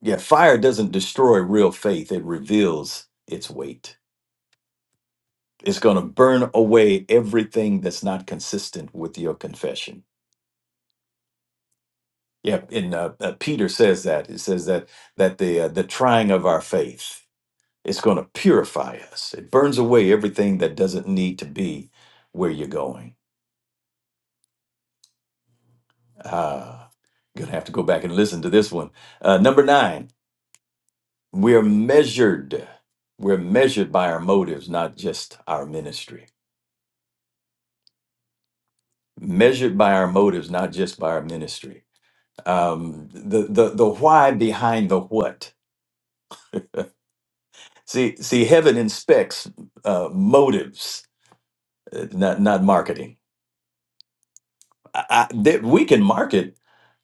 Speaker 3: Yeah, fire doesn't destroy real faith, it reveals its weight. It's going to burn away everything that's not consistent with your confession. Yeah, and uh, uh, Peter says that. It says that that the uh, the trying of our faith is going to purify us. It burns away everything that doesn't need to be where you're going. Ah, gonna have to go back and listen to this one. Uh, number nine, we're measured. We're measured by our motives, not just our ministry measured by our motives, not just by our ministry. Um, the the the why behind the what. See see, heaven inspects uh, motives, uh, not not marketing. I, I, that we can market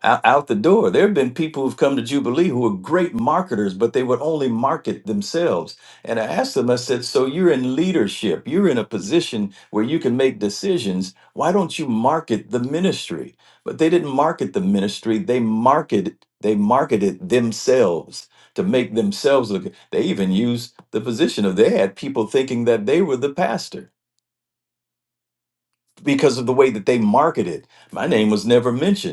Speaker 3: out, out the door. There have been people who've come to Jubilee who are great marketers, but they would only market themselves. And I asked them, I said, So you're in leadership, you're in a position where you can make decisions. Why don't you market the ministry? But they didn't market the ministry, they marketed, they marketed themselves. To make themselves look, they even used the position of they had people thinking that they were the pastor because of the way that they marketed. My name was never mentioned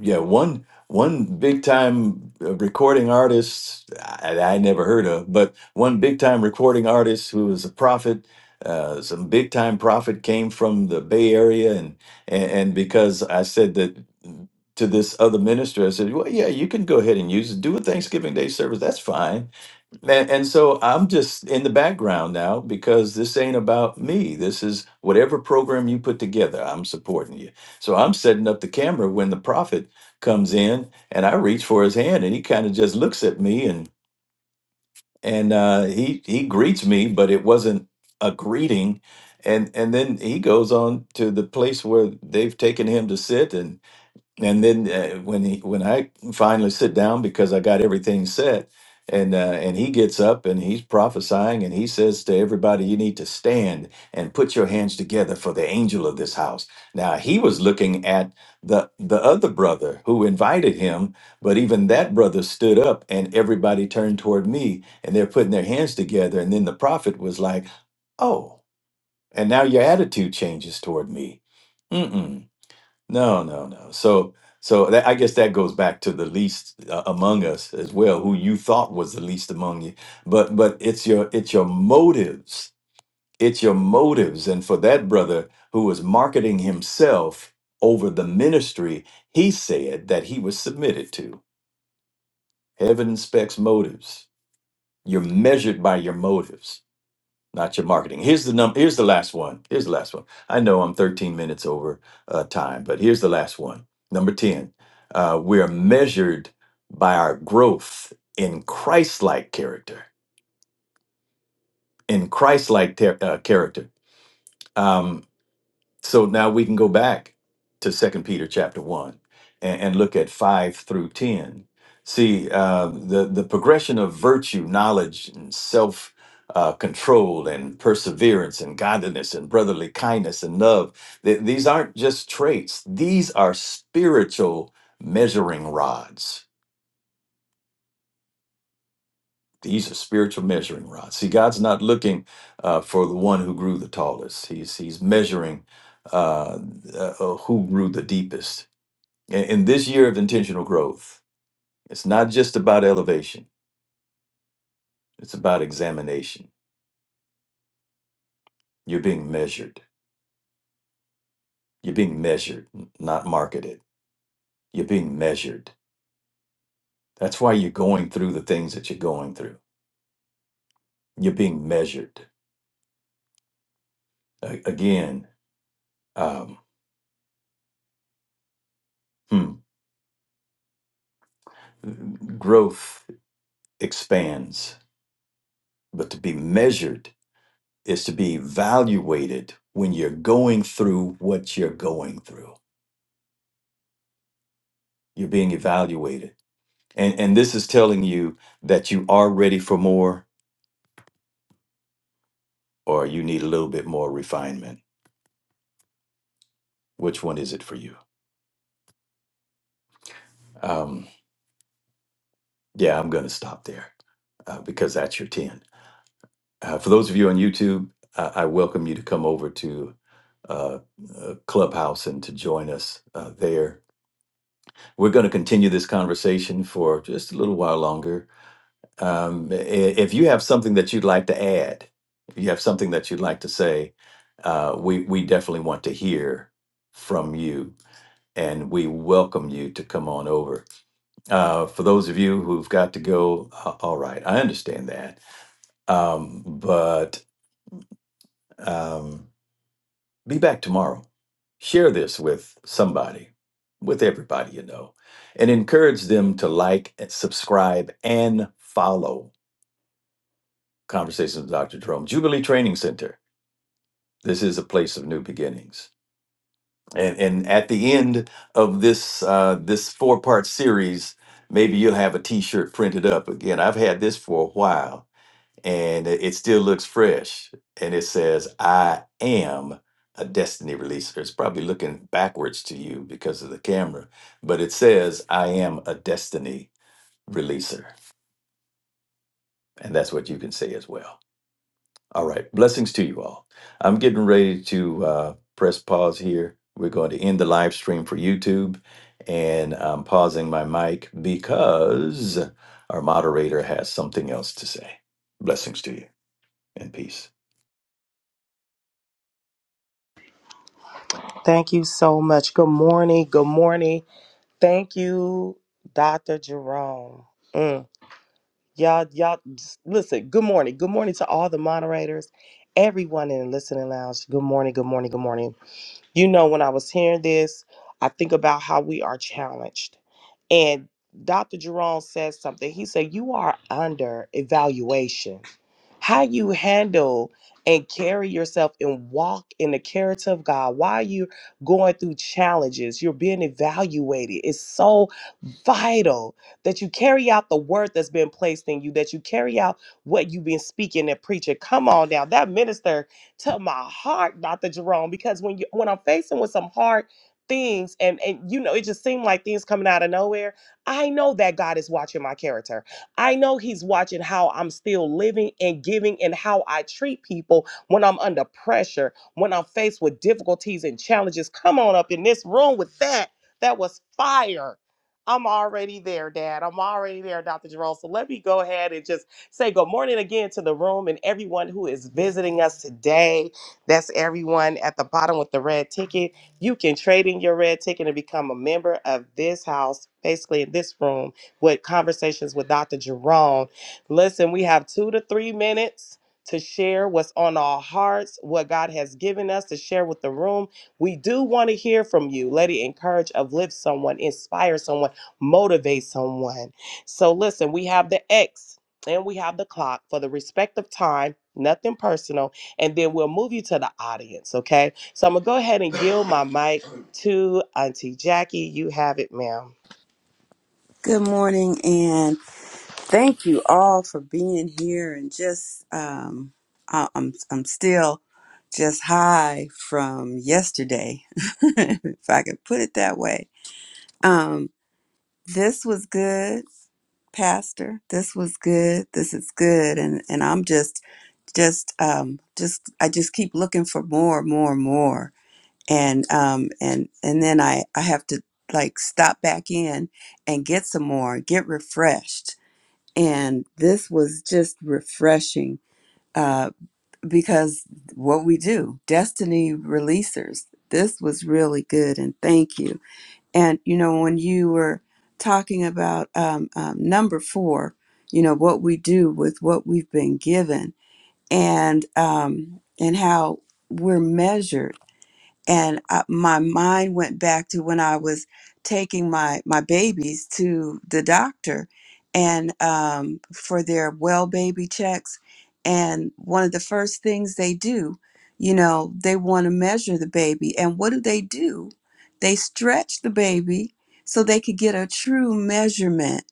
Speaker 3: yeah one one big time uh, recording artist I, I never heard of but one big time recording artist who was a prophet uh, some big time prophet came from the bay area and, and and because i said that to this other minister i said well yeah you can go ahead and use it do a thanksgiving day service that's fine and, and so I'm just in the background now because this ain't about me. This is whatever program you put together, I'm supporting you. So I'm setting up the camera when the prophet comes in and I reach for his hand and he kind of just looks at me and and uh, he he greets me, but it wasn't a greeting. And and then he goes on to the place where they've taken him to sit and then uh, when he when I finally sit down because I got everything set, and uh, and he gets up and he's prophesying and he says to everybody, "You need to stand and put your hands together for the angel of this house." Now he was looking at the the other brother who invited him, but even that brother stood up and everybody turned toward me and they're putting their hands together, and then the prophet was like, "Oh," and now your attitude changes toward me. Mm-mm. No, no, no. So, so that, I guess that goes back to the least uh, among us as well, who you thought was the least among you. But, but it's your it's your motives. It's your motives. And for that brother who was marketing himself over the ministry, he said that he was submitted to. Heaven inspects motives. You're measured by your motives not your marketing. Here's the number. Here's the last one. Here's the last one. I know I'm 13 minutes over uh, time, but here's the last one. Number 10. Uh, we are measured by our growth in Christ-like character. In Christ-like ter- uh, character. Um, So now we can go back to Second Peter chapter one and, and look at five through ten. See uh, the the progression of virtue, knowledge, and self uh, control, and perseverance, and godliness, and brotherly kindness, and love. Th- these aren't just traits; these are spiritual measuring rods. These are spiritual measuring rods. See, God's not looking uh, for the one who grew the tallest. He's He's measuring uh, uh, who grew the deepest in, in this year of intentional growth, it's not just about elevation, it's about examination. You're being measured. You're being measured, n- not marketed. You're being measured. That's why you're going through the things that you're going through. You're being measured. A- again, um, hmm, growth expands, but to be measured is to be evaluated when you're going through what you're going through. You're being evaluated And and this is telling you that you are ready for more or you need a little bit more refinement. Which one is it for you? Um, yeah, I'm going to stop there uh, because that's your 10. Uh, for those of you on YouTube, uh, I welcome you to come over to uh, uh, Clubhouse and to join us uh, there. We're going to continue this conversation for just a little while longer Um, i- if you have something that you'd like to add, if you have something that you'd like to say, uh, we we definitely want to hear from you, and we welcome you to come on over. Uh, for those of you who've got to go, uh, all right, I understand that, um, but um, be back tomorrow. Share this with somebody, with everybody you know, and encourage them to like, subscribe, and follow Conversations with Dr. Jerome, Jubilee Training Center. This is a place of new beginnings. And, and at the end of this uh, this four part series, maybe you'll have a t shirt printed up. Again, I've had this for a while and it it still looks fresh. And it says, I am a destiny releaser. It's probably looking backwards to you because of the camera, but it says, I am a destiny releaser. And that's what you can say as well. All right. Blessings to you all. I'm getting ready to uh, press pause here. We're going to end the live stream for YouTube, and I'm pausing my mic because our moderator has something else to say. Blessings to you and peace.
Speaker 2: Thank you so much. Good morning. Good morning. Thank you, Dr. Jerome. Mm. Y'all, y'all, just listen. Good morning. Good morning to all the moderators, everyone in the listening lounge. Good morning. Good morning. Good morning. You know, when I was hearing this, I think about how we are challenged. And Dr. Jerome says something. He said, You are under evaluation how you handle and carry yourself and walk in the character of God while you're going through challenges, you're being evaluated. It's so vital that you carry out the word that's been placed in you, that you carry out what you've been speaking and preaching. Come on now, that minister to my heart, Dr. Jerome, because when you when I'm facing with some hard things and and you know it just seemed like things coming out of nowhere, I know that God is watching my character. I know He's watching how I'm still living and giving and how I treat people when I'm under pressure, when I'm faced with difficulties and challenges. Come on up in this room with that. That was fire. I'm already there, Dad. I'm already there, Dr. Jerome. So let me go ahead and just say good morning again to the room and everyone who is visiting us today. That's everyone at the bottom with the red ticket. You can trade in your red ticket and become a member of this house, basically in this room with conversations with Dr. Jerome. Listen, we have two to three minutes to share what's on our hearts, what God has given us to share with the room. We do want to hear from you. Let it encourage, uplift someone, inspire someone, motivate someone. So listen, we have the X and we have the clock for the respective time. Nothing personal, and then we'll move you to the audience, okay? So I'm gonna go ahead and yield my mic to Auntie Jackie. You have it, ma'am.
Speaker 4: Good morning, and thank you all for being here. And just, um, I, I'm I'm still just high from yesterday, [LAUGHS] if I could put it that way. Um, this was good, Pastor. This was good. This is good, and and I'm just just um just I just keep looking for more, more, more, and um and and then I I have to like stop back in and get some more, get refreshed and this was just refreshing uh, because what we do, destiny releasers, this was really good. And thank you. And, you know, when you were talking about um, um, number four, you know, what we do with what we've been given and, um, and how we're measured and I, my mind went back to when I was taking my my babies to the doctor and um, for their well baby checks and one of the first things they do you know they want to measure the baby and what do they do they stretch the baby so they could get a true measurement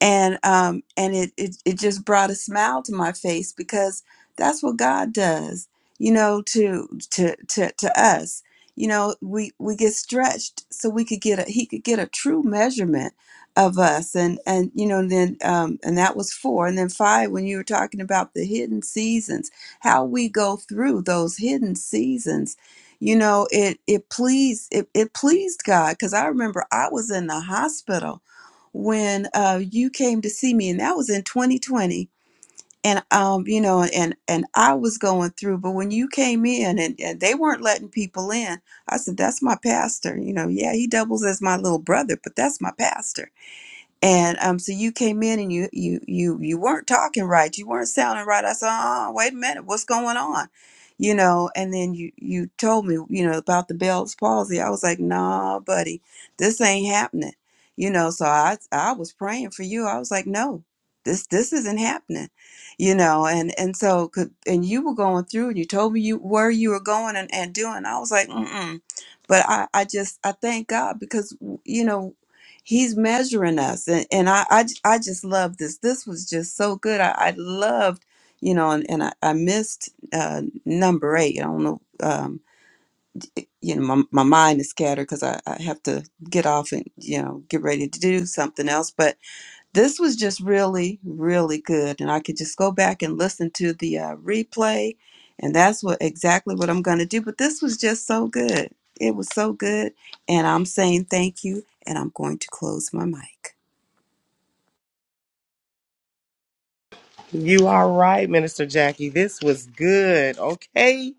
Speaker 4: and um and it, it it just brought a smile to my face because that's what God does you know to to to to us you know we we get stretched so we could get a he could get a true measurement of us and and you know then um and that was four and then five when you were talking about the hidden seasons how we go through those hidden seasons you know it it pleased it, it pleased god because i remember i was in the hospital when uh, you came to see me, and that was in 2020. And um, you know, and and I was going through, but when you came in and, and they weren't letting people in, I said, That's my pastor. You know, yeah, he doubles as my little brother, but that's my pastor and um, so you came in and you you you you weren't talking right. You weren't sounding right. I said, "Oh, wait a minute, what's going on?" You know. And then you you told me, you know, about the Bell's palsy. I was like, "Nah, buddy, this ain't happening." You know. So I I was praying for you. I was like, "No, this this isn't happening." You know. And and so could and you were going through and you told me you where you were going and, and doing. I was like, "Mm mm." But I I just I thank God because you know he's measuring us and, and I, I j- I just love this this was just so good i, I loved you know and, and I, I missed uh, number eight i don't know um, you know my, my mind is scattered because I, I have to get off and you know get ready to do something else but this was just really really good and i could just go back and listen to the uh, replay and that's what exactly what i'm going to do but this was just so good it was so good and i'm saying thank you and i'm going to close my mic
Speaker 2: You are right, Minister Jackie. This was good. Okay.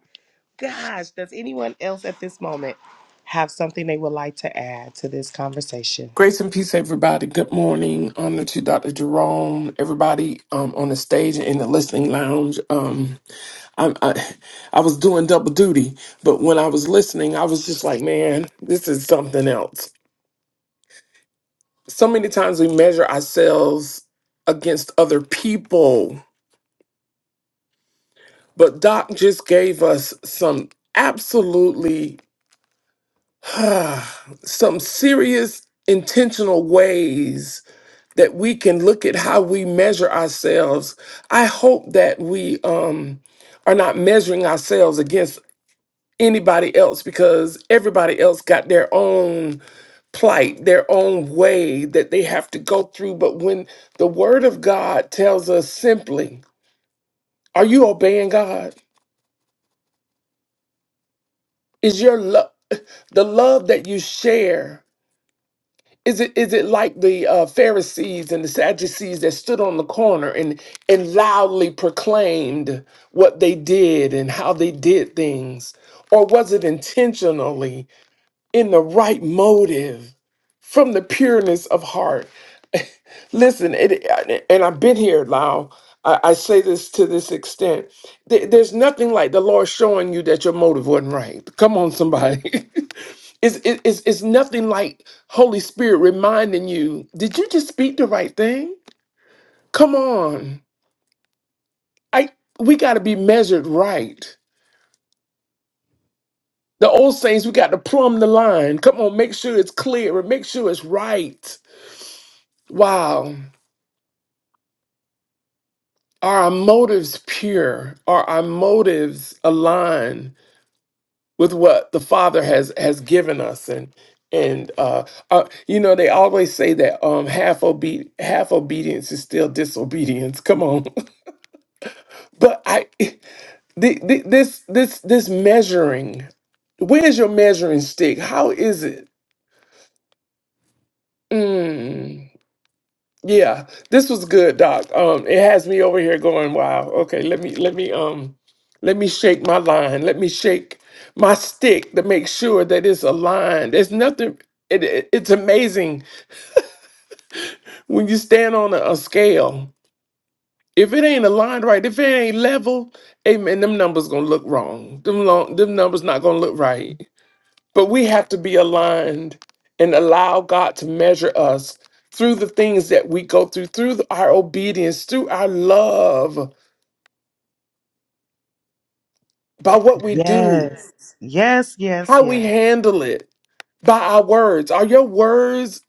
Speaker 2: Gosh, does anyone else at this moment have something they would like to add to this conversation?
Speaker 1: Grace and peace, everybody. Good morning. Honor to Dr. Jerome, everybody um, on the stage and in the listening lounge. Um, I, I, I was doing double duty, but when I was listening, I was just like, man, this is something else. So many times we measure ourselves against other people, but Doc just gave us some absolutely [SIGHS] some serious intentional ways that we can look at how we measure ourselves. I hope that we um, are not measuring ourselves against anybody else because everybody else got their own plight, their own way that they have to go through. But when the Word of God tells us simply, are you obeying God? Is your love the love that you share? Is it is it like the uh, Pharisees and the Sadducees that stood on the corner and and loudly proclaimed what they did and how they did things, or was it intentionally? in the right motive from the pureness of heart. [LAUGHS] Listen, it, and I've been here, Lau. I, I say this to this extent. There- There's nothing like the Lord showing you that your motive wasn't right. Come on, somebody. [LAUGHS] It's, it- it's, it's nothing like Holy Spirit reminding you, did you just speak the right thing? Come on. I we gotta be measured right. The old saints, we got to plumb the line. Come on, make sure it's clear and make sure it's right. Wow. Are our motives pure? Are our motives aligned with what the Father has has given us? And and uh, uh you know they always say that um half obe- half obedience is still disobedience. Come on, [LAUGHS] but I the, the, this this this measuring. Where's your measuring stick? How is it? Mm. Yeah, this was good, Doc. Um, it has me over here going, wow. Okay, let me let me um let me shake my line. Let me shake my stick to make sure that it's aligned. There's nothing it, it- it's amazing when you stand on a, a scale. If it ain't aligned right, if it ain't level, amen, them numbers gonna look wrong. Them long, them numbers not gonna look right. But we have to be aligned and allow God to measure us through the things that we go through, through the- our obedience, through our love, by what we do,
Speaker 2: Yes. Yes, yes,
Speaker 1: how we
Speaker 2: yes.
Speaker 1: handle it, by our words. Are your words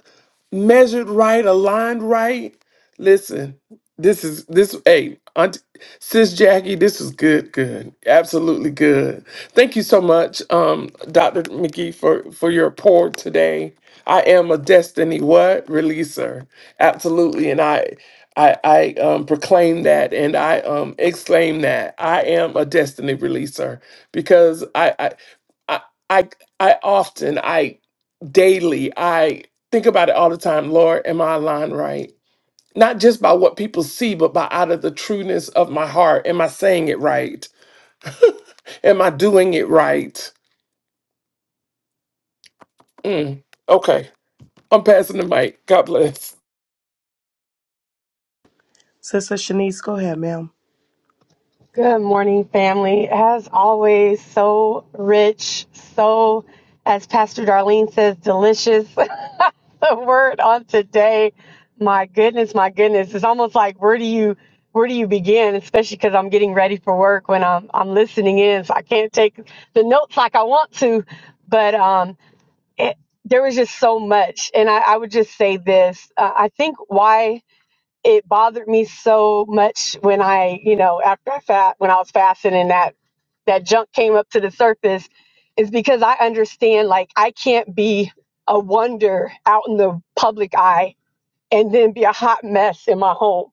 Speaker 1: measured right, aligned right. Listen, this is this. Hey, Aunt, sis Jackie, this is good, good, absolutely good. Thank you so much, um, Doctor McGee, for for your report today. I am a destiny what releaser, absolutely, and I. I, I um, proclaim that and I um, exclaim that I am a destiny releaser because I, I I I I often I daily i think about it all the time lord am i aligned right not just by what people see but by out of the trueness of my heart am i saying it right am i doing it right Mm, okay i'm passing the mic god bless
Speaker 2: Sister Shanice, go ahead, ma'am.
Speaker 5: Good morning, family. As always, so rich, so, as Pastor Darlene says, delicious. [LAUGHS] the word on today, my goodness, my goodness. It's almost like where do you where do you begin? Especially because I'm getting ready for work when I'm I'm listening in, so I can't take the notes like I want to. But um, it, there was just so much, and I, I would just say this: uh, I think why it bothered me so much when I, you know, after I fat when I was fasting and that that junk came up to the surface is because I understand like I can't be a wonder out in the public eye and then be a hot mess in my home.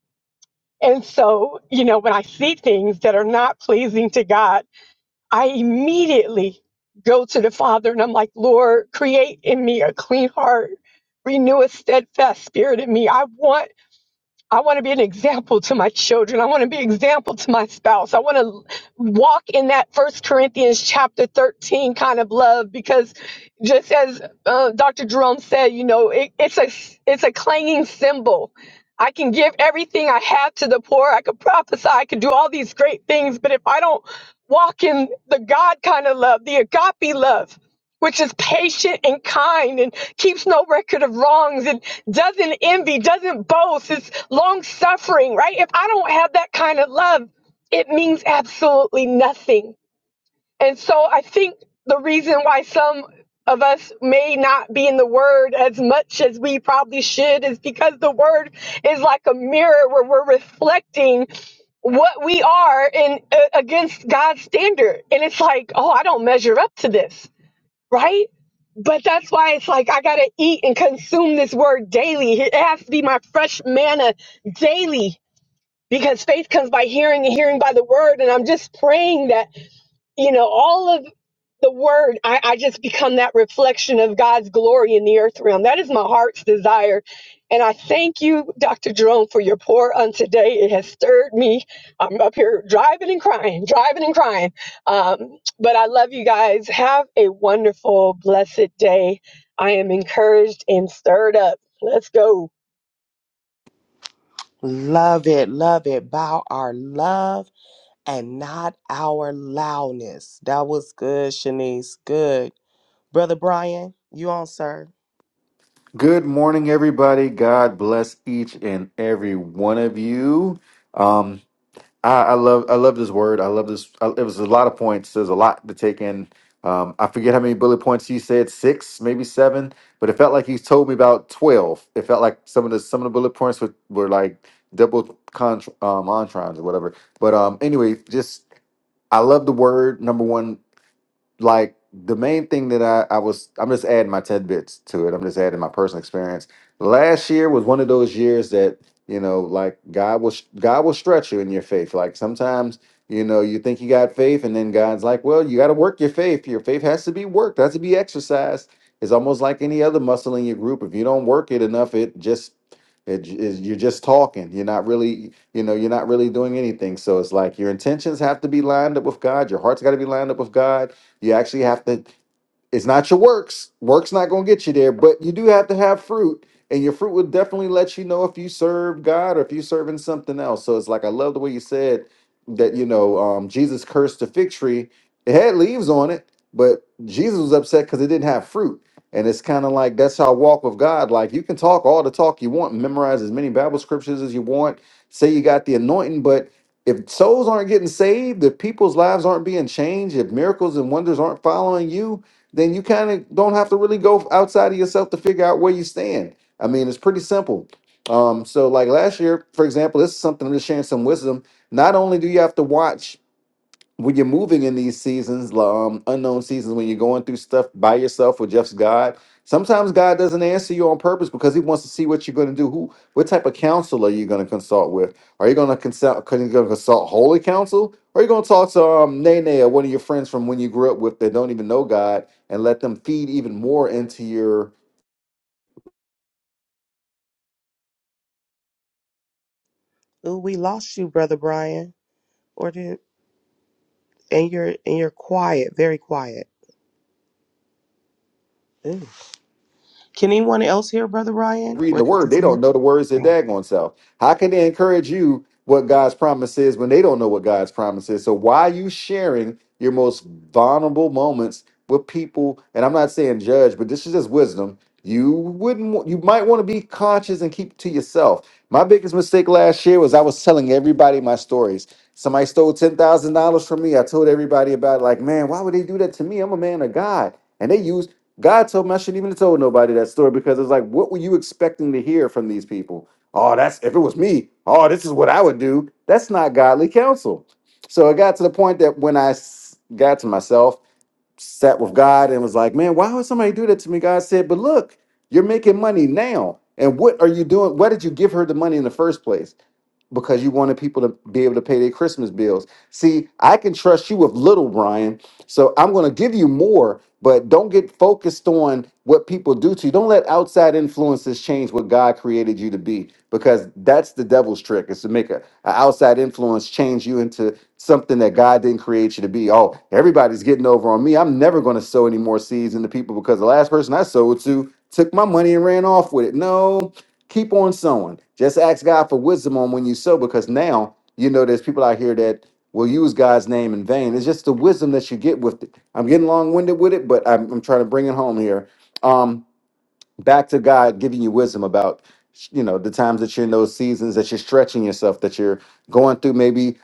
Speaker 5: And so, you know, when I see things that are not pleasing to God, I immediately go to the Father and I'm like, Lord, create in me a clean heart, renew a steadfast spirit in me. I want I want to be an example to my children. I want to be an example to my spouse. I want to walk in that First Corinthians chapter 13 kind of love because just as uh, Dr. Jerome said, you know, it, it's a it's a clanging cymbal. I can give everything I have to the poor. I could prophesy. I could do all these great things. But if I don't walk in the God kind of love, the agape love, which is patient and kind and keeps no record of wrongs and doesn't envy, doesn't boast, is long suffering, right? If I don't have that kind of love, it means absolutely nothing. And so I think the reason why some of us may not be in the word as much as we probably should is because the word is like a mirror where we're reflecting what we are in uh, against God's standard. And it's like, oh, I don't measure up to this right? But that's why it's like I gotta eat and consume this word daily. It has to be my fresh manna daily because faith comes by hearing and hearing by the word. And I'm just praying that you know, all of the word, I, I just become that reflection of God's glory in the earth realm. That is my heart's desire. And I thank you, Dr. Jerome, for your pour on today. It has stirred me. I'm up here driving and crying, driving and crying. Um, but I love you guys. Have a wonderful, blessed day. I am encouraged and stirred up. Let's go.
Speaker 2: Love it. Love it. Bow our love and not our loudness. That was good, Shanice. Good. Brother Brian, you on, sir?
Speaker 6: Good morning, everybody. God bless each and every one of you. Um, I, I love, I love this word. I love this. I, it was a lot of points. There's a lot to take in. Um, I forget how many bullet points he said, six, maybe seven, but it felt like he told me about twelve. It felt like some of the some of the bullet points were, were like double contr um, entrons or whatever. But um, anyway, just I love the word number one like the main thing that I, I was I'm just adding my tidbits to it. I'm just adding my personal experience. Last year was one of those years that you know, like God will God will stretch you in your faith. Like sometimes you know you think you got faith, and then God's like, well, you got to work your faith. Your faith has to be worked. Has to be exercised. It's almost like any other muscle in your group. If you don't work it enough, it just it j- is you're just talking. You're not really, you know, you're not really doing anything. So it's like your intentions have to be lined up with God. Your heart's got to be lined up with God you actually have to it's not your works. Works not going to get you there, but you do have to have fruit, and your fruit will definitely let you know if you serve God or if you're serving something else. So it's like I love the way you said that. You know, um, Jesus cursed the fig tree. It had leaves on it, but Jesus was upset because it didn't have fruit. And it's kind of like that's how I walk with God. Like you can talk all the talk you want, memorize as many Bible scriptures as you want, say you got the anointing, but if souls aren't getting saved, if people's lives aren't being changed, if miracles and wonders aren't following you, then you kind of don't have to really go outside of yourself to figure out where you stand. I mean, it's pretty simple. Um, so like last year, for example, this is something I'm just sharing some wisdom. Not only do you have to watch when you're moving in these seasons, um, unknown seasons, when you're going through stuff by yourself or just God, sometimes God doesn't answer you on purpose because He wants to see what you're going to do. Who, what type of counsel are you going to consult with? Are you going to consult? Are you going to consult holy counsel? Or are you going to talk to um, Nene or one of your friends from when you grew up with that don't even know God and let them feed even more into your
Speaker 2: Ooh, we lost you, Brother Brian. Or did and you're and you're quiet, very quiet. Ooh. Can anyone else hear Brother Ryan?
Speaker 6: reading
Speaker 2: Or
Speaker 6: the
Speaker 2: is it
Speaker 6: word,
Speaker 2: just
Speaker 6: they
Speaker 2: me?
Speaker 6: don't know the words that
Speaker 2: Oh.
Speaker 6: daggone self. How can they encourage you what God's promise is when they don't know what God's promise is? So why are you sharing your most vulnerable moments with people? And I'm not saying judge, but this is just wisdom. You wouldn't wa- you might want to be conscious and keep it to yourself. My biggest mistake last year was I was telling everybody my stories. Somebody stole ten thousand dollars from me. I told everybody about it, like, man, why would they do that to me? I'm a man of God. And they use God told me I shouldn't even have told nobody that story because it's like, what were you expecting to hear from these people? Oh, that's if it was me. Oh, this is what I would do. That's not godly counsel. So it got to the point that when I s- got to myself, sat with God and was like, man, why would somebody do that to me? God said, but look, you're making money now. And what are you doing? Why did you give her the money in the first place? because you wanted people to be able to pay their Christmas bills. See, I can trust you with little, Brian. So I'm going to give you more, but don't get focused on what people do to you. Don't let outside influences change what God created you to be, because that's the devil's trick is to make a, a outside influence change you into something that God didn't create you to be. Oh, everybody's getting over on me. I'm never going to sow any more seeds into people because the last person I sowed to took my money and ran off with it. No, Keep on sowing. Just ask God for wisdom on when you sow because now you know there's people out here that will use God's name in vain. It's just the wisdom that you get with it. I'm getting long winded with it, but I'm, I'm trying to bring it home here. Um, back to God giving you wisdom about you know the times that you're in those seasons that you're stretching yourself, that you're going through maybe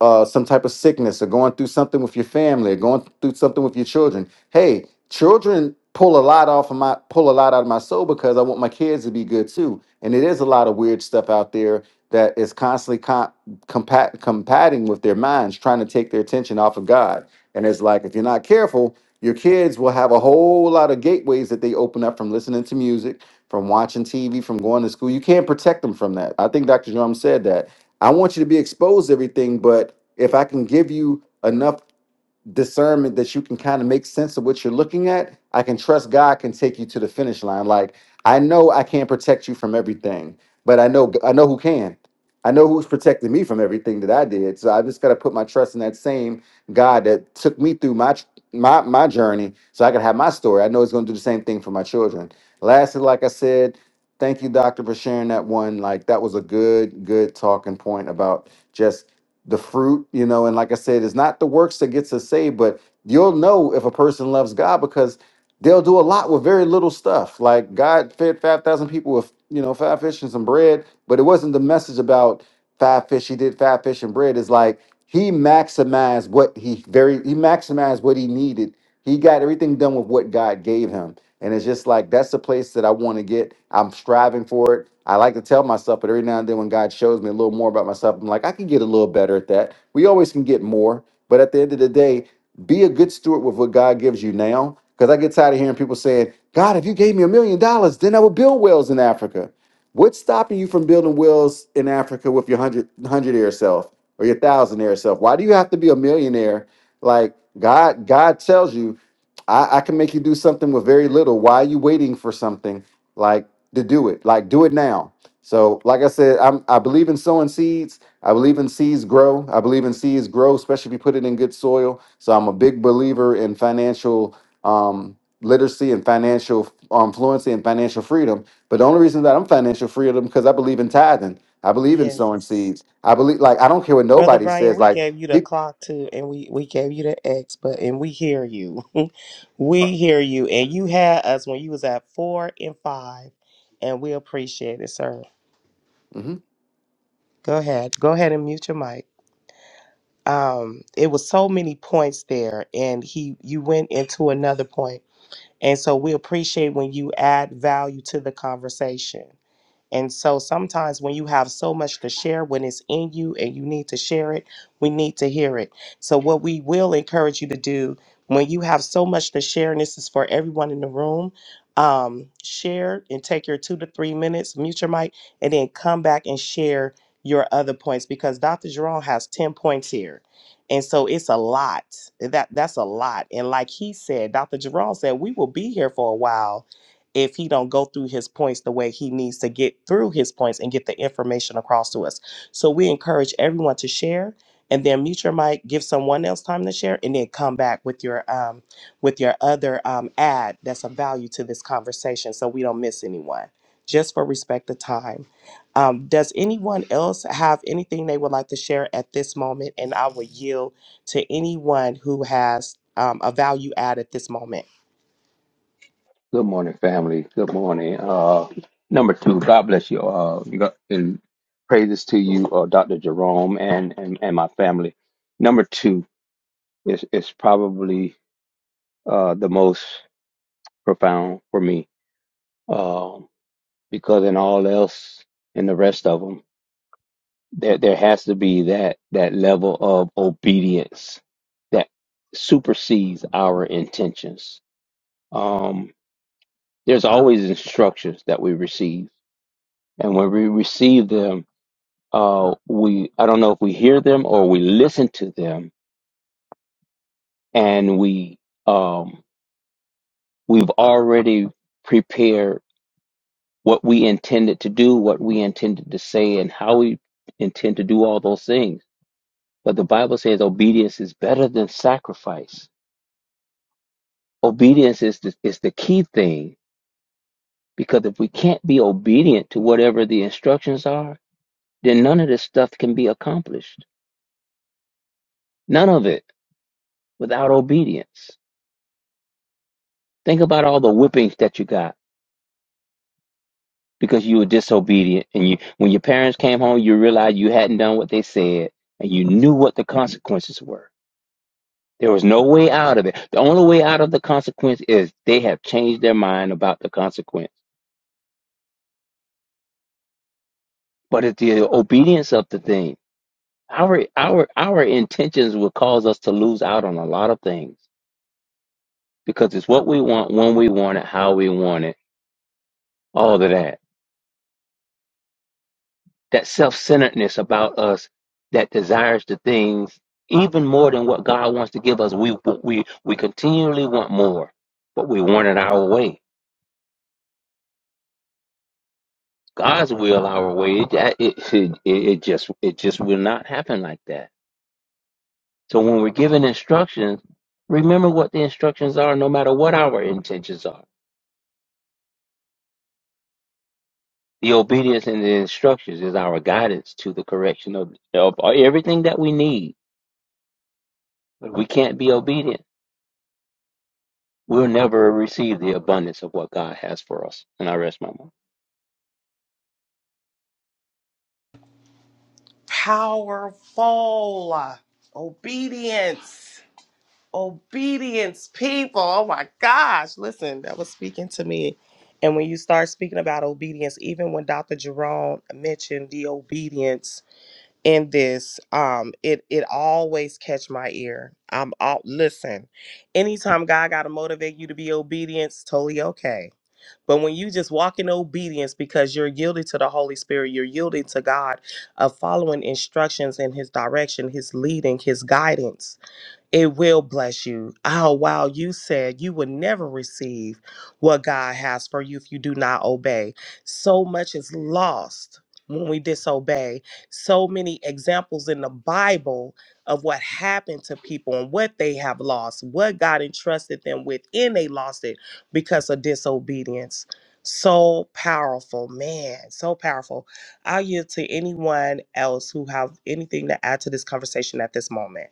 Speaker 6: uh, some type of sickness or going through something with your family or going through something with your children. Hey, children pull a lot off of my pull a lot out of my soul because I want my kids to be good too. And it is a lot of weird stuff out there that is constantly com- compat- combating with their minds, trying to take their attention off of God. And it's like if you're not careful, your kids will have a whole lot of gateways that they open up from listening to music, from watching TV, from going to school. You can't protect them from that. I think Dr. Jerome said that. I want you to be exposed to everything, but if I can give you enough discernment that you can kind of make sense of what you're looking at, I can trust God can take you to the finish line. Like I know I can't protect you from everything, but I know I know who can. I know who's protecting me from everything that I did. So I just got to put my trust in that same God that took me through my tr- my my journey so I can have my story. I know he's going to do the same thing for my children. Lastly, like I said, thank you doctor for sharing that one. Like that was a good good talking point about just the fruit, you know, and like I said, it's not the works that gets us saved, but you'll know if a person loves God because they'll do a lot with very little stuff. Like God fed 5,000 people with, you know, five fish and some bread, but it wasn't the message about five fish. He did five fish and bread. It's like he maximized what he very, he maximized what he needed. He got everything done with what God gave him and it's just like that's the place that I want to get. I'm striving for it. I like to tell myself, but every now and then when God shows me a little more about myself, I'm like, I can get a little better at that. We always can get more. But at the end of the day, be a good steward with what God gives you now. Because I get tired of hearing people saying, God, if you gave me a million dollars, then I would build wells in Africa. What's stopping you from building wells in Africa with your hundred hundredaire self or your thousandaire self? Why do you have to be a millionaire? Like God, God tells you I, I can make you do something with very little. Why are you waiting for something like to do it? Like do it now. So, like I said, I'm I believe in sowing seeds. I believe in seeds grow. I believe in seeds grow, especially if you put it in good soil. So I'm a big believer in financial um literacy and financial um, fluency and financial freedom. But the only reason that I'm financial freedom because I believe in tithing. I believe in sowing
Speaker 2: Yes.
Speaker 6: seeds. I believe like I don't care what
Speaker 2: Brother
Speaker 6: nobody
Speaker 2: Brian,
Speaker 6: says.
Speaker 2: we
Speaker 6: Like
Speaker 2: gave you the
Speaker 6: people.
Speaker 2: clock too, and we, we gave you the X, but and we hear you. [LAUGHS] we hear you. And you had us when you was at four and five, and we appreciate it, sir. Go ahead. Go ahead and mute your mic. Um, it was so many points there, and he you went into another point. And so we appreciate when you add value to the conversation. And so sometimes when you have so much to share, when it's in you and you need to share it, we need to hear it. So, what we will encourage you to do when you have so much to share, and this is for everyone in the room, um, share and take your two to three minutes, mute your mic, and then come back and share your other points because Dr. Jerome has 10 points here. And so it's a lot. That that's a lot. And like he said, Dr. Jerome said, we will be here for a while if he don't go through his points the way he needs to get through his points and get the information across to us. So we encourage everyone to share and then mute your mic, give someone else time to share, and then come back with your um with your other um ad that's of value to this conversation so we don't miss anyone. Just for respect of time. Um, does anyone else have anything they would like to share at this moment? And I will yield to anyone who has um, a value add at this moment.
Speaker 7: Good morning, family. Good morning. Uh, number two, God bless you. Uh, you got, and praises to you, uh, Dr. Jerome, and, and, and my family. Number two is, is probably uh, the most profound for me um, because in all else, in the rest of them, there, there has to be that, that level of obedience that supersedes our intentions. Um, there's always instructions that we receive And when we receive them, uh, we I don't know if we hear them or we listen to them, and we um, we've already prepared what we intended to do, what we intended to say, and how we intend to do all those things. But the Bible says obedience is better than sacrifice. Obedience is the, is the key thing because if we can't be obedient to whatever the instructions are, then none of this stuff can be accomplished. None of it without obedience. Think about all the whippings that you got because you were disobedient and you when your parents came home you realized you hadn't done what they said and you knew what the consequences were. There was no way out of it. The only way out of the consequence is they have changed their mind about the consequence. But it's the obedience of the thing. Our our our intentions will cause us to lose out on a lot of things because it's what we want, when we want it, how we want it, all of that. that self-centeredness about us that desires the things even more than what God wants to give us. We we we continually want more, but we want it our way. God's will our way. It it it, it just it just will not happen like that. So when we're given instructions, remember what the instructions are, no matter what our intentions are. The obedience and the instructions is our guidance to the correction of, of everything that we need. But we can't be obedient We'll never receive the abundance of what God has for us. And I rest my mind.
Speaker 2: powerful. Obedience. Obedience, people. Oh my gosh. Listen, that was speaking to me. And when you start speaking about obedience, even when Dr. Jerome mentioned the obedience in this, um, it it always catch my ear. I'm all listen, anytime God gotta motivate you to be obedient, it's totally okay but when you just walk in obedience because you're yielded to the Holy Spirit, you're yielded to God, of following instructions and His direction, His leading, His guidance it will bless you. Oh, wow. You said you would never receive what God has for you if you do not obey. So much is lost when we disobey. So many examples in the Bible of what happened to people and what they have lost, what God entrusted them with, and they lost it because of disobedience. So powerful, man. So powerful. I'll yield to anyone else who have anything to add to this conversation at this moment.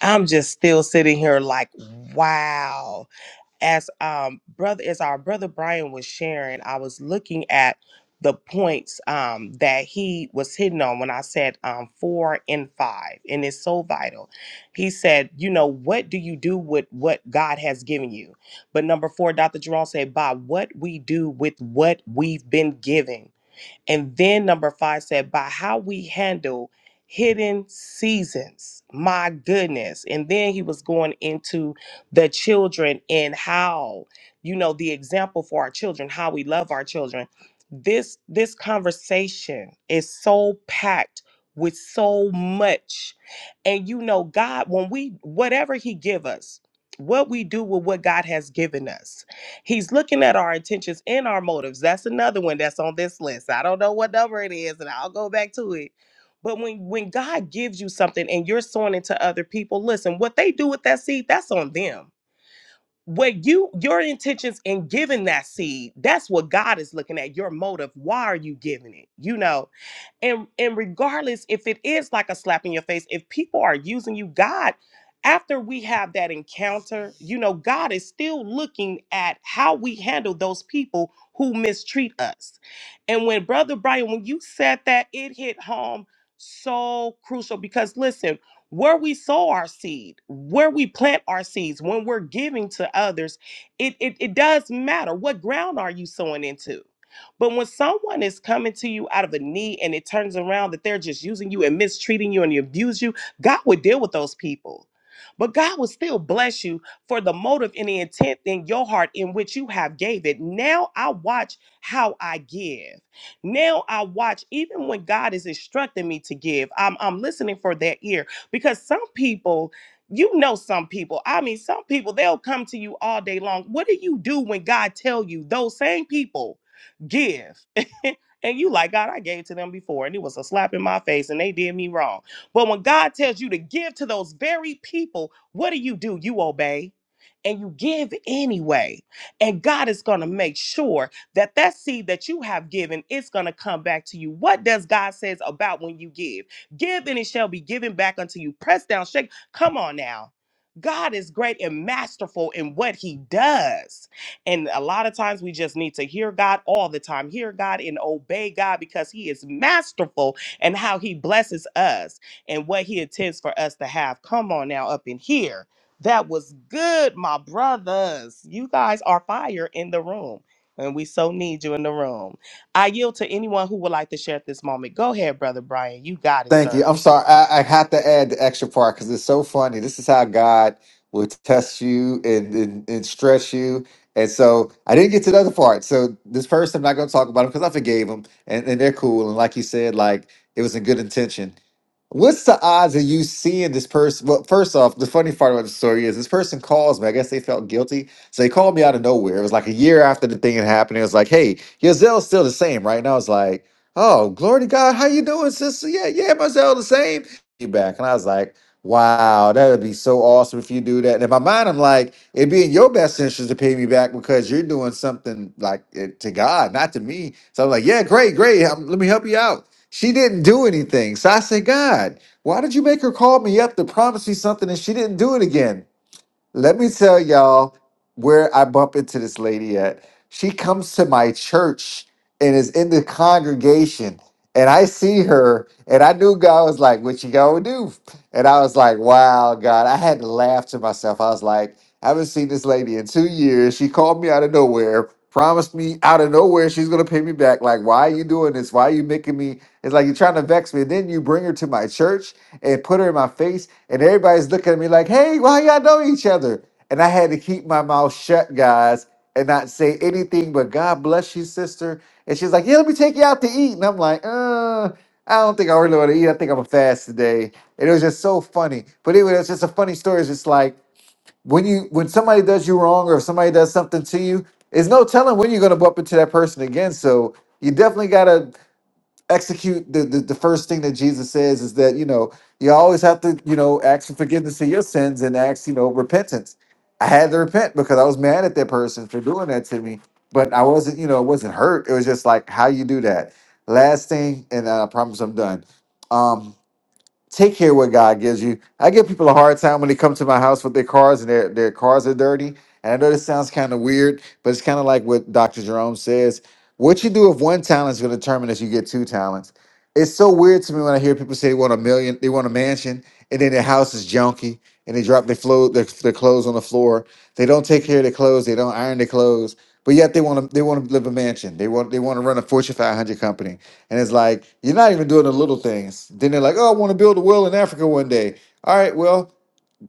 Speaker 2: I'm just still sitting here like, wow. As um brother, as our brother Brian was sharing, I was looking at the points um that he was hitting on when I said um four and five, and it's so vital. He said, you know, what do you do with what God has given you? But number four, Dr. Jerome said, by what we do with what we've been given. And then number five said, by how we handle hidden seasons. My goodness. And then he was going into the children and how, you know, the example for our children, how we love our children. This this conversation is so packed with so much. And you know, God, when we whatever he give us, what we do with what God has given us He's looking at our intentions and our motives. That's another one that's on this list. I don't know what number it is, and I'll go back to it. But when when God gives you something and you're sowing it to other people, listen, what they do with that seed, that's on them. What you your intentions in giving that seed, that's what God is looking at. Your motive. Why are you giving it? You know, and and regardless if it is like a slap in your face if people are using you god after we have that encounter you know god is still looking at how we handle those people who mistreat us and when brother brian when you said that it hit home so crucial because listen where we sow our seed where we plant our seeds when we're giving to others it it, it does matter what ground are you sowing into but when someone is coming to you out of a need and it turns around that they're just using you and mistreating you and you abuse you, God would deal with those people. But God will still bless you for the motive and the intent in your heart in which you have gave it. Now I watch how I give. Now I watch even when God is instructing me to give. I'm I'm listening for that ear because some people you know some people i mean some people they'll come to you all day long what do you do when god tell you those same people give. [LAUGHS] and you like, God, I gave to them before and it was a slap in my face and they did me wrong. But when God tells you to give to those very people, what do you do? You obey and you give anyway. And God is going to make sure that that seed that you have given is going to come back to you. What does God says about when you give? Give and it shall be given back unto you. Press down, shake. Come on now. God is great and masterful in what he does. And a lot of times we just need to hear God all the time, hear God and obey God because He is masterful and how He blesses us and what He intends for us to have. Come on now, up in here. That was good, my brothers. You guys are fire in the room, and we so need you in the room. I yield to anyone who would like to share at this moment. Go ahead, Brother Brian. You got it,
Speaker 6: Thank you.
Speaker 2: sir.
Speaker 6: I'm sorry. I, I have to add the extra part because it's so funny. This is how God will test you and, and, and stress you. And so I didn't get to the other part. So this person, I'm not going to talk about him because I forgave him and, and they're cool. And like you said, like it was in good intention. What's the odds of you seeing this person? Well, first off, the funny part about the story is this person calls me. I guess they felt guilty. So they called me out of nowhere. It was like a year after the thing had happened. It was like, hey, your Zell's still the same, right? And I was like, oh, glory to God. How you doing, sister? Yeah, yeah, my Zell the same. You back. And I was like, wow, that would be so awesome if you do that. And in my mind, I'm like, it'd be in your best interest to pay me back because you're doing something like it, to God, not to me. So I'm like, yeah, great, great. Um, Let me help you out. She didn't do anything. So I said, God, why did you make her call me up to promise me something and she didn't do it again? Let me tell y'all where I bump into this lady at. She comes to my church and is in the congregation. And I see her, and I knew God was like, What you gonna do? And I was like, Wow, God. I had to laugh to myself. I was like, I haven't seen this lady in two years. She called me out of nowhere, promised me out of nowhere she's gonna pay me back. Like, why are you doing this? Why are you making me? It's like you're trying to vex me. And then you bring her to my church and put her in my face, and everybody's looking at me like, hey, why y'all know each other? And I had to keep my mouth shut, guys, and not say anything but God bless you, sister. And she's like, yeah, let me take you out to eat. And I'm like, uh, I don't think I really want to eat. I think I'm a fast today. And it was just so funny. But anyway, it's just a funny story. It's just like when you when somebody does you wrong or if somebody does something to you, there's no telling when you're gonna bump into that person again. So you definitely gotta execute the, the the first thing that Jesus says is that you know you always have to you know ask for forgiveness of your sins and ask you know repentance. I had to repent because I was mad at that person for doing that to me, but I wasn't you know it wasn't hurt. It was just like how you do that. Last thing, and I promise I'm done. Um, take care what God gives you. I give people a hard time when they come to my house with their cars and their, their cars are dirty. And I know this sounds kind of weird, but it's kind of like what Dr. Jerome says. What you do with one talent is going to determine if you get two talents. It's so weird to me when I hear people say they want a million, they want a mansion, and then their house is junky, and they drop their, flo- their, their clothes on the floor. They don't take care of their clothes, they don't iron their clothes, but yet they want to they want to live a mansion. They want they want to run a Fortune 500 company. And it's like, you're not even doing the little things. Then they're like, oh, I want to build a well in Africa one day. All right, well,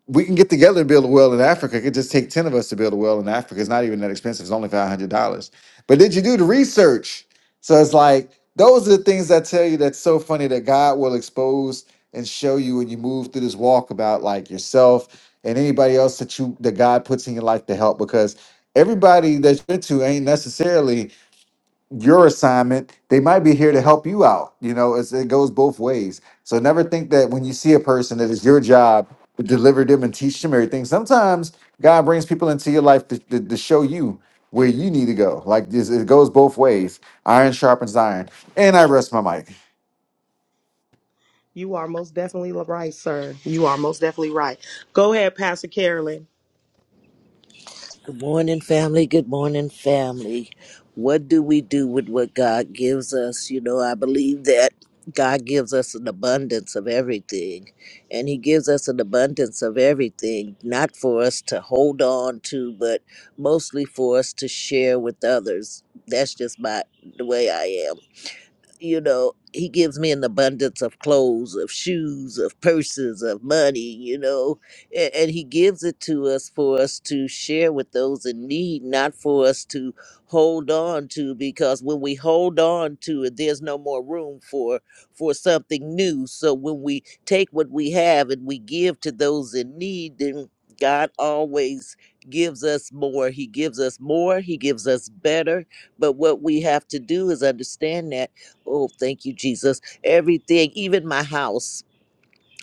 Speaker 6: we can get together and build a well in Africa. It could just take 10 of us to build a well in Africa. It's not even that expensive. It's only $500. But did you do the research? So it's like, those are the things I tell you that's so funny that God will expose and show you when you move through this walk about like yourself and anybody else that you that God puts in your life to help because everybody that you're into ain't necessarily your assignment they might be here to help you out you know it's, it goes both ways so never think that when you see a person that it's your job to deliver them and teach them everything sometimes god brings people into your life to, to, to show you where you need to go like this it goes both ways iron sharpens iron and i rest my mic
Speaker 2: You are most definitely right, sir. You are most definitely right. Go ahead, Pastor Carolyn.
Speaker 8: Good morning, family. Good morning, family. What do we do with what God gives us? You know, I believe that God gives us an abundance of everything, and He gives us an abundance of everything, not for us to hold on to, but mostly for us to share with others. That's just my the way I am you know he gives me an abundance of clothes of shoes of purses of money you know and, and he gives it to us for us to share with those in need not for us to hold on to because when we hold on to it there's no more room for for something new so when we take what we have and we give to those in need then god always gives us more he gives us more he gives us better but what we have to do is understand that Oh, thank you, Jesus. Everything, even my house.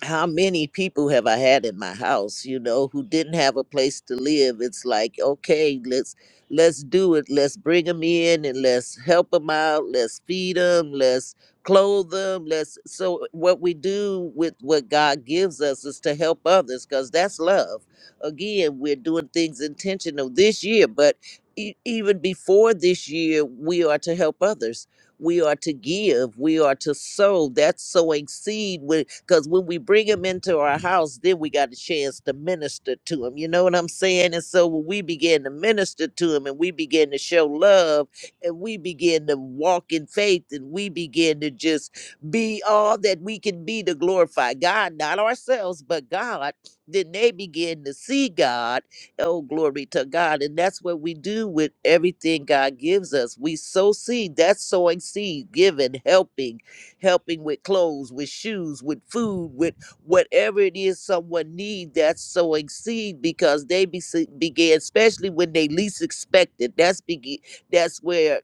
Speaker 8: How many people have I had in my house, you know, who didn't have a place to live? It's like, okay, let's let's do it. Let's bring them in and let's help them out. Let's feed them. Let's clothe them. Let's. So what we do with what God gives us is to help others, because that's love. Again, we're doing things intentional this year, but e- even before this year, we are to help others we are to give. We are to sow. That's sowing seed. Because when we bring them into our house, then we got a chance to minister to them. You know what I'm saying? And so when we begin to minister to them and we begin to show love and we begin to walk in faith and we begin to just be all that we can be to glorify God, not ourselves, but God, then they begin to see God Oh, glory to God. And that's what we do with everything God gives us. We sow seed. That's sowing seed, giving, helping, helping with clothes, with shoes, with food, with whatever it is someone needs. That's sowing seed because they be, began, especially when they least expect it. That's, be, that's where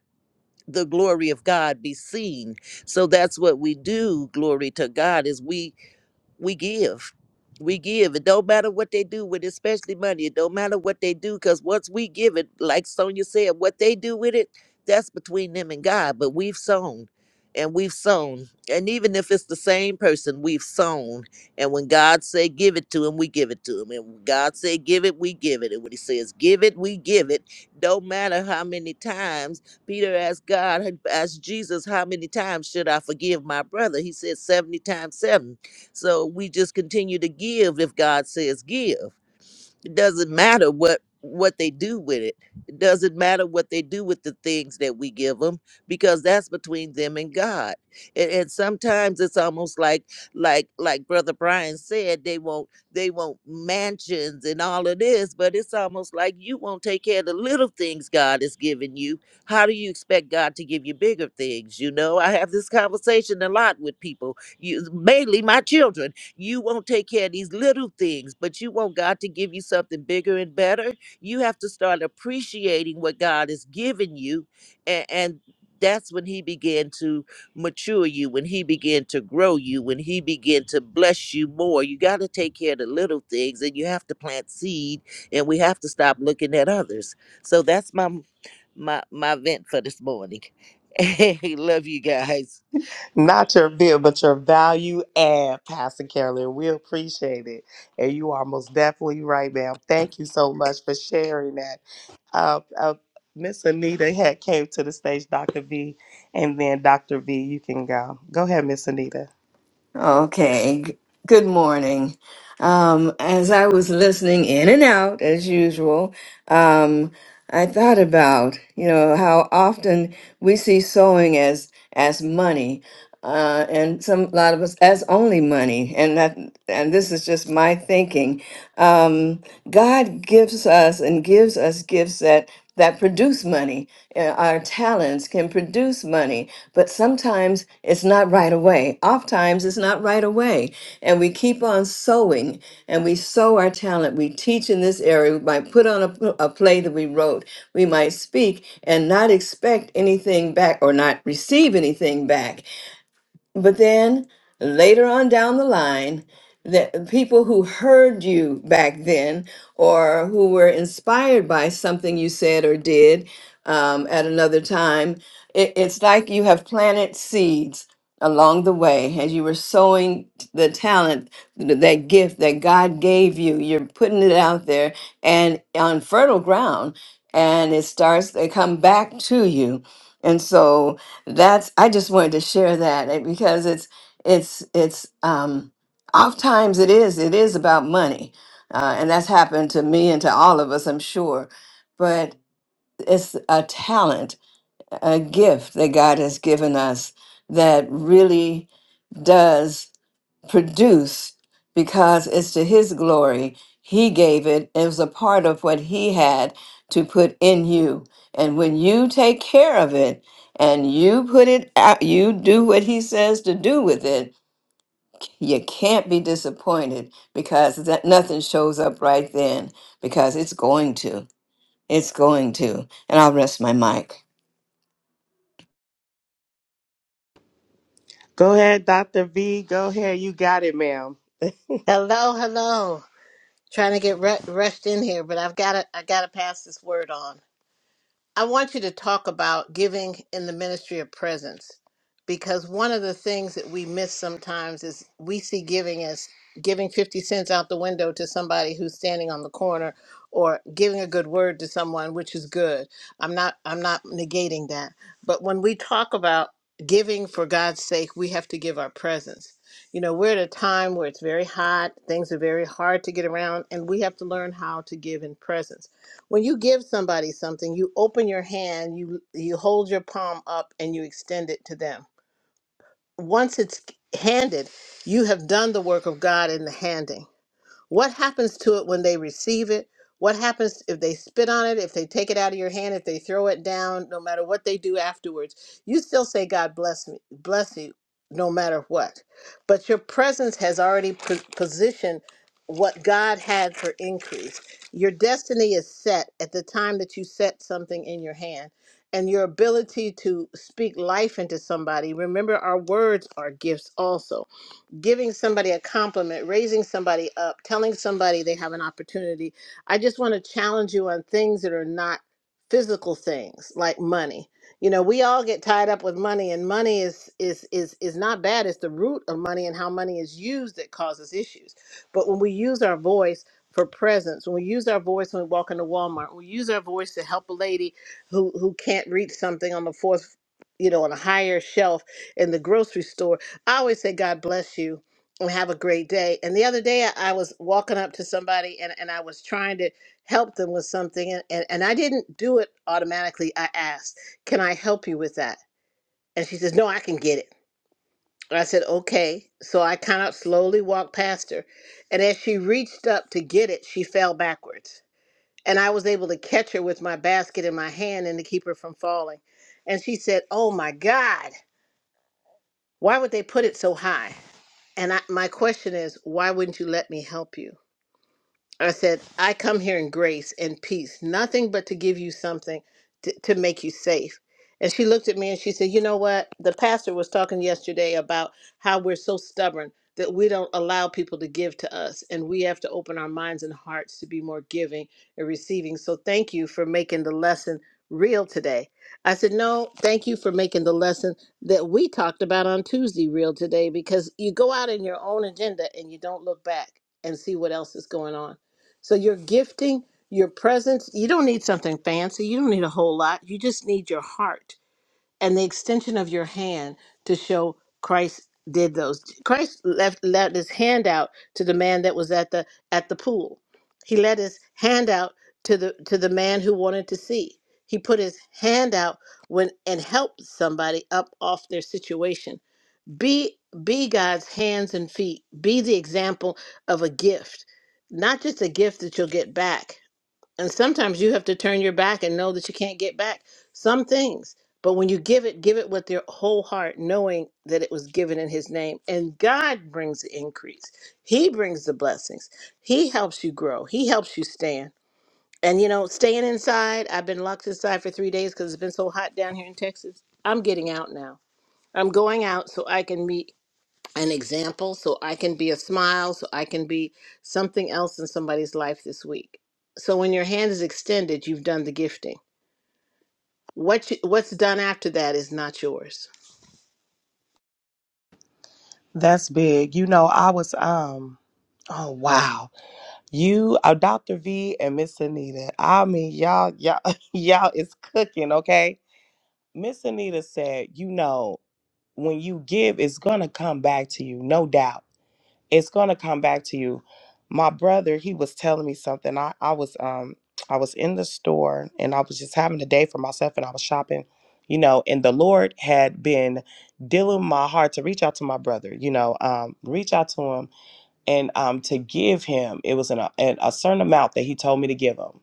Speaker 8: the glory of God be seen. So that's what we do, glory to God, is we we give. We give. It don't matter what they do with it, especially money. It don't matter what they do, because once we give it, like Sonia said, what they do with it, that's between them and God. But we've sown and we've sown. And even if it's the same person, we've sown. And when God say give it to him, we give it to him. And when God say give it, we give it. And when he says give it, we give it. Don't matter how many times Peter asked God, asked Jesus, how many times should I forgive my brother? He said 70 times seven. So we just continue to give if God says give. It doesn't matter what what they do with it. It doesn't matter what they do with the things that we give them because that's between them and God. And, and sometimes it's almost like like like brother Brian said they won't they want mansions and all of this, but it's almost like you won't take care of the little things God has given you. How do you expect God to give you bigger things? You know, I have this conversation a lot with people, you, mainly my children you won't take care of these little things, but you want God to give you something bigger and better. You have to start appreciating what God has given you. And, and that's when He began to mature you, when He began to grow you, when He began to bless you more. You got to take care of the little things and you have to plant seed and we have to stop looking at others. So that's my my my vent for this morning. [LAUGHS] Hey, love you guys.
Speaker 2: Not your bill, but your value add, Pastor Carolyn. We appreciate it. And you are most definitely right, ma'am. Thank you so much for sharing that. Uh, uh, Miss Anita had came to the stage, Dr. V, and then Dr. V, you can go. Go ahead, Miss Anita.
Speaker 9: Okay. g- Good morning. Um, as I was listening in and out, as usual, um, I thought about you know how often we see sewing as as money, uh, and some a lot of us as only money, and that and this is just my thinking. Um, God gives us and gives us gifts that that produce money. Uh, Our talents can produce money, but sometimes it's not right away. Oftentimes it's not right away, and we keep on sowing and we sow our talent. We teach in this area. We might put on a, a play that we wrote. We might speak and not expect anything back or not receive anything back. But then later on down the line, the people who heard you back then or who were inspired by something you said or did um, at another time, it, it's like you have planted seeds along the way as you were sowing the talent, th- that gift that God gave you. You're putting it out there and on fertile ground, and it starts to come back to you. And so, that's i just wanted to share that eh, because it's it's it's um oftentimes it is it is about money uh, and that's happened to me and to all of us i'm sure but it's a talent a gift that god has given us that really does produce because it's to his glory. He gave it. It was a part of what he had to put in you. And when you take care of it and you put it out, you do what he says to do with it, you can't be disappointed because that nothing shows up right then because it's going to. It's going to. And I'll rest my mic.
Speaker 2: Go ahead, Dr. V. Go ahead. You got it, ma'am.
Speaker 10: Hello, hello. Trying to get re- rushed in here, but I've got to I got to pass this word on. I want you to talk about giving in the ministry of presence because one of the things that we miss sometimes is we see giving as giving 50 cents out the window to somebody who's standing on the corner or giving a good word to someone which is good. I'm not I'm not negating that. But when we talk about giving for God's sake, we have to give our presence. You know, we're at a time where it's very hot, things are very hard to get around and we have to learn how to give in presence when you give somebody something you open your hand you you hold your palm up and you extend it to them once it's handed you have done the work of god in the handing what happens to it when they receive it? What happens if they spit on it, if they take it out of your hand, if they throw it down, no matter what they do afterwards? You still say, God bless me, bless you, no matter what. But your presence has already po- positioned what God had for increase. Your destiny is set at the time that you set something in your hand. And your ability to speak life into somebody, remember, our words are gifts also giving somebody a compliment, raising somebody up, telling somebody they have an opportunity. I just want to challenge you on things that are not physical things like money. You know, we all get tied up with money and money is is is is not bad. It's the root of money and how money is used that causes issues. But when we use our voice for presence, when we use our voice when we walk into Walmart, we use our voice to help a lady who who can't reach something on the fourth you know, on a higher shelf in the grocery store I always say, God bless you and have a great day. And the other day, I I was walking up to somebody and, and I was trying to help them with something. And, and, and I didn't do it automatically. I asked, Can I help you with that? And she says, No, I can get it. And I said, Okay. So I kind of slowly walked past her. And as she reached up to get it, she fell backwards. And I was able to catch her with my basket in my hand and to keep her from falling. And she said, Oh my God, why would they put it so high? And I, my question is, why wouldn't you let me help you? I said, I come here in grace and peace, nothing but to give you something to, to make you safe. And she looked at me and she said, You know what? The pastor was talking yesterday about how we're so stubborn that we don't allow people to give to us. And we have to open our minds and hearts to be more giving and receiving. So thank you for making the lesson real today. I said, No, thank you for making the lesson that we talked about on Tuesday real today because you go out in your own agenda and you don't look back and see what else is going on. So your gifting, your presence, you don't need something fancy. You don't need a whole lot. You just need your heart and the extension of your hand to show Christ did those. Christ left let his hand out to the man that was at the at the pool. He let his hand out to the to the man who wanted to see. He put his hand out when and helped somebody up off their situation be be God's hands and feet. Be the example of a gift, not just a gift that you'll get back. And sometimes you have to turn your back and know that you can't get back some things. But when you give it, give it with your whole heart, knowing that it was given in His name. And God brings the increase. He brings the blessings. He helps you grow. He helps you stand. And you know, staying inside, I've been locked inside for three days because it's been so hot down here in Texas. I'm getting out now. I'm going out so I can meet an example so I can be a smile, so I can be something else in somebody's life this week. So when your hand is extended, you've done the gifting. What you, what's done after that is not yours.
Speaker 2: That's big. You know, I was um Oh wow. You uh, Dr. V and Miss Anita. I mean y'all y'all [LAUGHS] y'all is cooking, okay? Miss Anita said, you know, when you give, it's going to come back to you, no doubt. It's going to come back to you. My brother, he was telling me something. I, I was um I was in the store and I was just having a day for myself and I was shopping, you know, and the Lord had been dealing my heart to reach out to my brother, you know, um reach out to him and um to give him it was an, a, an, a certain amount that he told me to give him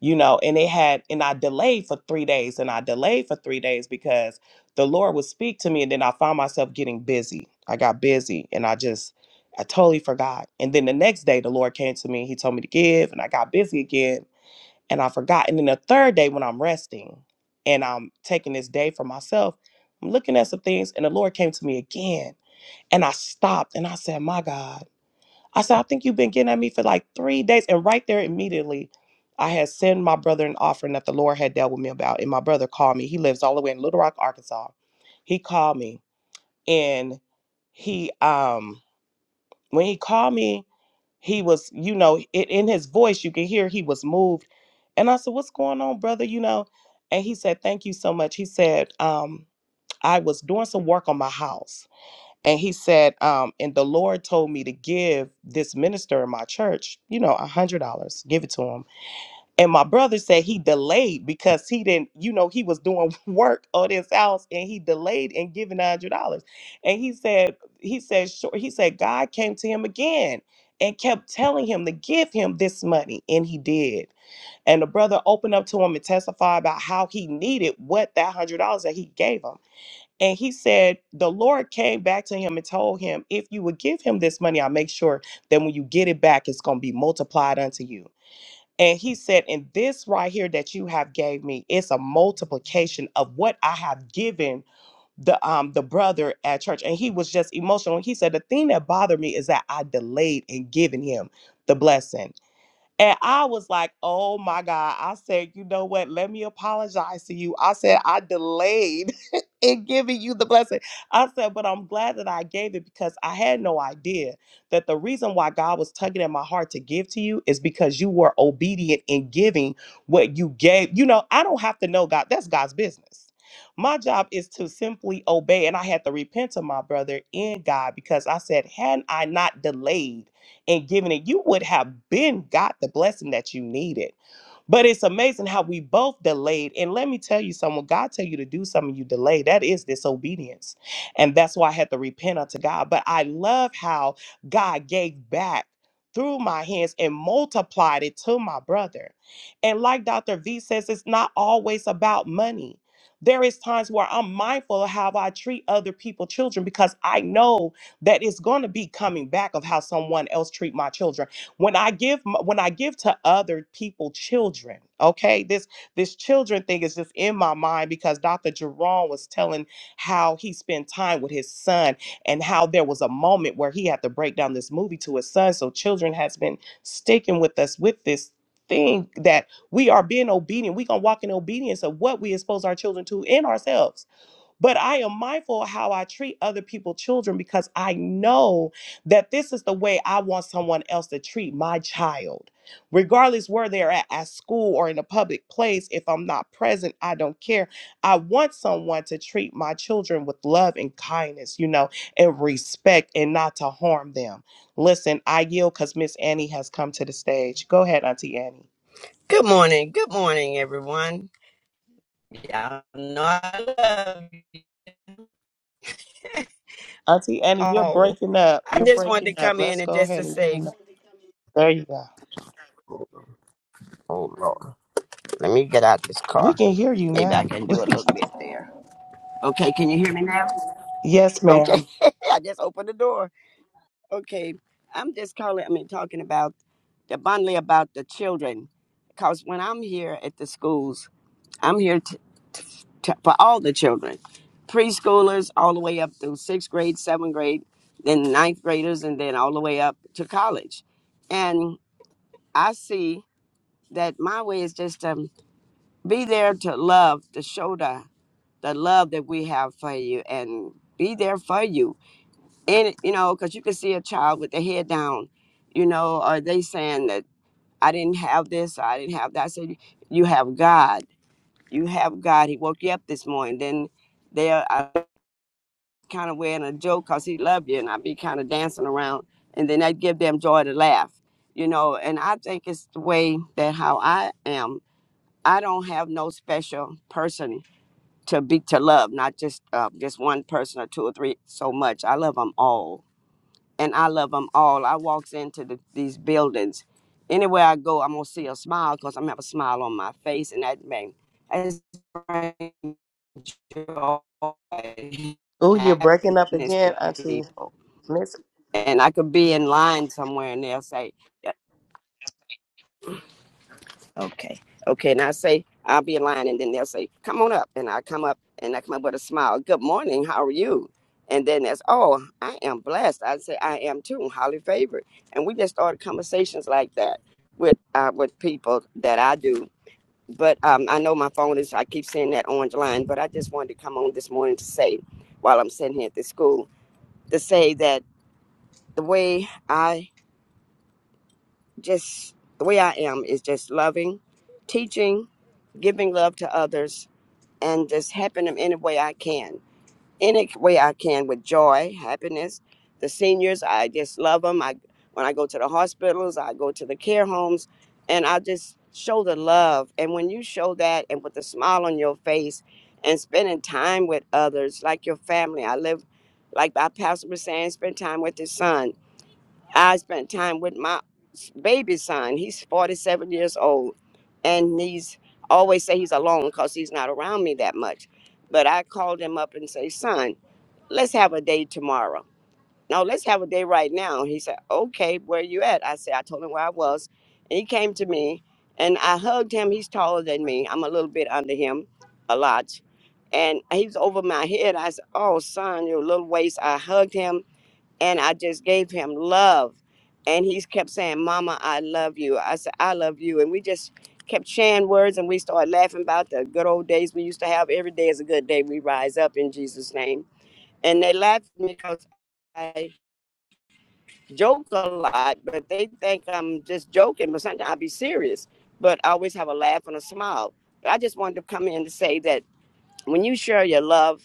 Speaker 2: you know and it had and i delayed for three days and i delayed for three days because the lord would speak to me and then i found myself getting busy i got busy and i just i totally forgot and then the next day the lord came to me he told me to give and i got busy again and i forgot and then the third day when i'm resting and i'm taking this day for myself i'm looking at some things and the lord came to me again and i stopped and i said my god I said, I think you've been getting at me for like three days. And right there, immediately, I had sent my brother an offering that the Lord had dealt with me about. And my brother called me. He lives all the way in Little Rock, Arkansas. He called me and he, um, when he called me, he was, you know, it, in his voice, you could hear he was moved. And I said, What's going on, brother? You know, and he said, Thank you so much. He said, um, I was doing some work on my house and he said um and the lord told me to give this minister in my church you know a hundred dollars give it to him and my brother said he delayed because he didn't you know he was doing [LAUGHS] work on his house and he delayed in giving a hundred dollars and he said he said sure he said god came to him again and kept telling him to give him this money and he did and the brother opened up to him and testified about how he needed what that hundred dollars that he gave him and he said, The Lord came back to him and told him, If you would give him this money, I'll make sure that when you get it back, it's going to be multiplied unto you. And he said, And this right here that you have gave me, it's a multiplication of what I have given the um the brother at church. And he was just emotional. He said, The thing that bothered me is that I delayed in giving him the blessing. And I was like, oh my God. I said, you know what? Let me apologize to you. I said, I delayed [LAUGHS] in giving you the blessing. I said, but I'm glad that I gave it because I had no idea that the reason why God was tugging at my heart to give to you is because you were obedient in giving what you gave. You know, I don't have to know God, that's God's business. My job is to simply obey. And I had to repent to my brother in God because I said, had I not delayed, and giving it, you would have been got the blessing that you needed. But it's amazing how we both delayed. And let me tell you someone, God tell you to do something you delay. That is disobedience. And that's why I had to repent unto God. But I love how God gave back through my hands and multiplied it to my brother. And like Dr. V says, it's not always about money. There is times where I'm mindful of how I treat other people, children, because I know that is going to be coming back of how someone else treat my children when i give m- when i give to other people children okay this this children thing is just in my mind because dr jerome was telling how he spent time with his son and how there was a moment where he had to break down this movie to his son so children has been sticking with us with this thing that we are being obedient we gonna walk in obedience of what we expose our children to in ourselves but I am mindful of how I treat other people's children because I know that this is the way I want someone else to treat my child. Regardless where they're at, at school or in a public place, if I'm not present, I don't care. I want someone to treat my children with love and kindness, you know, and respect and not to harm them. Listen, I yield because Miss Annie has come to the stage. Go ahead, Auntie Annie.
Speaker 11: Good morning. Good morning, everyone. Y'all know I love you [LAUGHS]
Speaker 2: Auntie Annie, you're
Speaker 11: all.
Speaker 2: breaking up.
Speaker 11: I
Speaker 2: You're
Speaker 11: just wanted
Speaker 2: breaking
Speaker 11: to
Speaker 2: up.
Speaker 11: come
Speaker 2: Let's
Speaker 11: in and
Speaker 2: go
Speaker 11: just to
Speaker 2: ahead and get
Speaker 11: say,
Speaker 2: in the. There you go.
Speaker 11: oh Lord, let me get out this
Speaker 2: We
Speaker 11: car.
Speaker 2: can hear you
Speaker 11: Maybe I
Speaker 2: now.
Speaker 11: can do
Speaker 2: [LAUGHS]
Speaker 11: a little bit there. Okay, can you hear me now?
Speaker 2: Yes,
Speaker 11: Okay,
Speaker 2: ma'am.
Speaker 11: [LAUGHS] I just opened the door. Okay, I'm just calling. I mean, talking about the abundantly about the children, because when I'm here at the schools, I'm here. t- for all the children, preschoolers all the way up through sixth grade, seventh grade, then ninth graders, and then all the way up to college. And I see that my way is just to be there to love, to show the, the love that we have for you and be there for you. And, you know, because you can see a child with their head down, you know, are they saying that I didn't have this, I didn't have that? I said, You have God. You have God. He woke you up this morning. Then there, are kind of wearing a joke because he loved you and I'd be kind of dancing around and then I'd give them joy to laugh, you know. And I think it's the way that how I am. I don't have no special person to be to love, not just uh, just one person or two or three so much. I love them all and I love them all. I walks into the, these buildings, anywhere I go, I'm gonna see a smile because I'm gonna have a smile on my face, and that man, that brings joy,
Speaker 2: Oh,
Speaker 11: [LAUGHS]
Speaker 2: you're breaking up
Speaker 11: happiness
Speaker 2: again,
Speaker 11: to
Speaker 2: Auntie
Speaker 11: people.
Speaker 2: Miss.
Speaker 11: And I could be in line somewhere, and they'll say. Okay. Okay. And I say, I'll be in line. And then they'll say, come on up. And I come up and I come up with a smile. Good morning. How are you? And then that's, oh, I am blessed. I say, I am too. Highly favored. And we just started conversations like that with uh, with people that I do. But um, I know my phone is, I keep seeing that orange line, but I just wanted to come on this morning to say, while I'm sitting here at the school, to say that the way I just the way I am is just loving, teaching, giving love to others, and just helping them any way I can, any way I can with joy, happiness. The seniors, I just love them. I when I go to the hospitals, I go to the care homes, and I just show the love. And when you show that, and with a smile on your face, and spending time with others, like your family, I live, like our pastor was saying, spend time with his son I spent time with my s- baby son. He's 47 years old, and he's I always say he's alone because he's not around me that much. But I called him up and say, "Son, let's have a day tomorrow. No, let's have a day right now." He said, "Okay, where you at?" I said, "I told him where I was," and he came to me, and I hugged him. He's taller than me. I'm a little bit under him, a lot. And he was over my head. I said, "Oh, son, your little waist." I hugged him and I just gave him love. And he kept saying, Mama, I love you. I said, I love you. And we just kept sharing words and we started laughing about the good old days we used to have. Every day is a good day. We rise up in Jesus' name. And they laughed at me because I joke a lot, but they think I'm just joking, but sometimes i be serious. But I always have a laugh and a smile. But I just wanted to come in to say that when you share your love,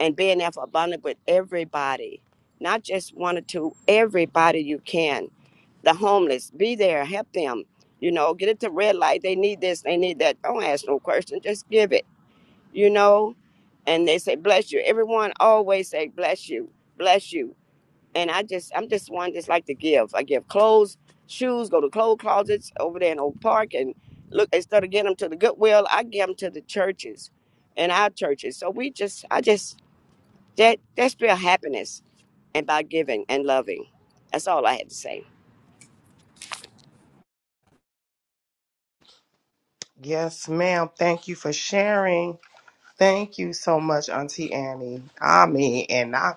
Speaker 11: and being there for abundant with everybody, not just one or two, everybody you can. The homeless, be there, help them. You know, get it to red light. They need this, they need that. Don't ask no question, just give it. You know, and they say bless you. Everyone always say bless you, bless you. And I just, I'm just one just like to give. I give clothes, shoes, go to clothes closets over there in Oak Park, and look instead of getting them to the Goodwill, I give them to the churches, and our churches. So we just, I just that that's real happiness and by giving and loving. That's all I had to say.
Speaker 2: Yes, ma'am. Thank you for sharing. Thank you so much, Auntie Annie. I mean, and I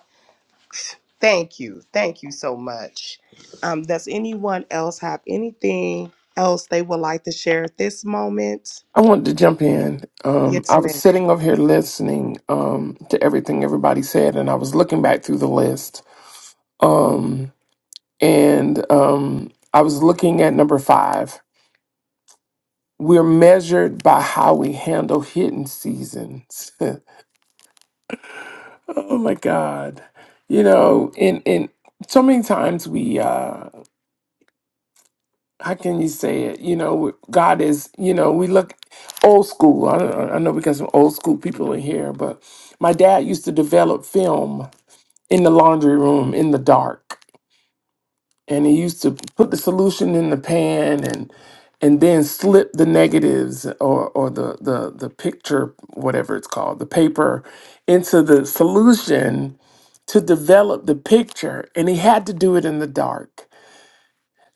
Speaker 2: thank you. Thank you so much. Um, does anyone else have anything else they would like to share at this moment?
Speaker 1: i wanted to jump in um,
Speaker 2: Yes,
Speaker 1: i was
Speaker 2: ma'am.
Speaker 1: sitting over here listening um, to everything everybody said and i was looking back through the list um, and um, i was looking at number five we're measured by how we handle hidden seasons [LAUGHS] Oh my God. You know, and and so many times we uh how can you say it? You know, God is, you know, we look old school. I don't, I know we got some old school people in here, but my dad used to develop film in the laundry room in the dark. And he used to put the solution in the pan and and then slip the negatives or, or the, the the picture, whatever it's called, the paper into the solution to develop the picture and he had to do it in the dark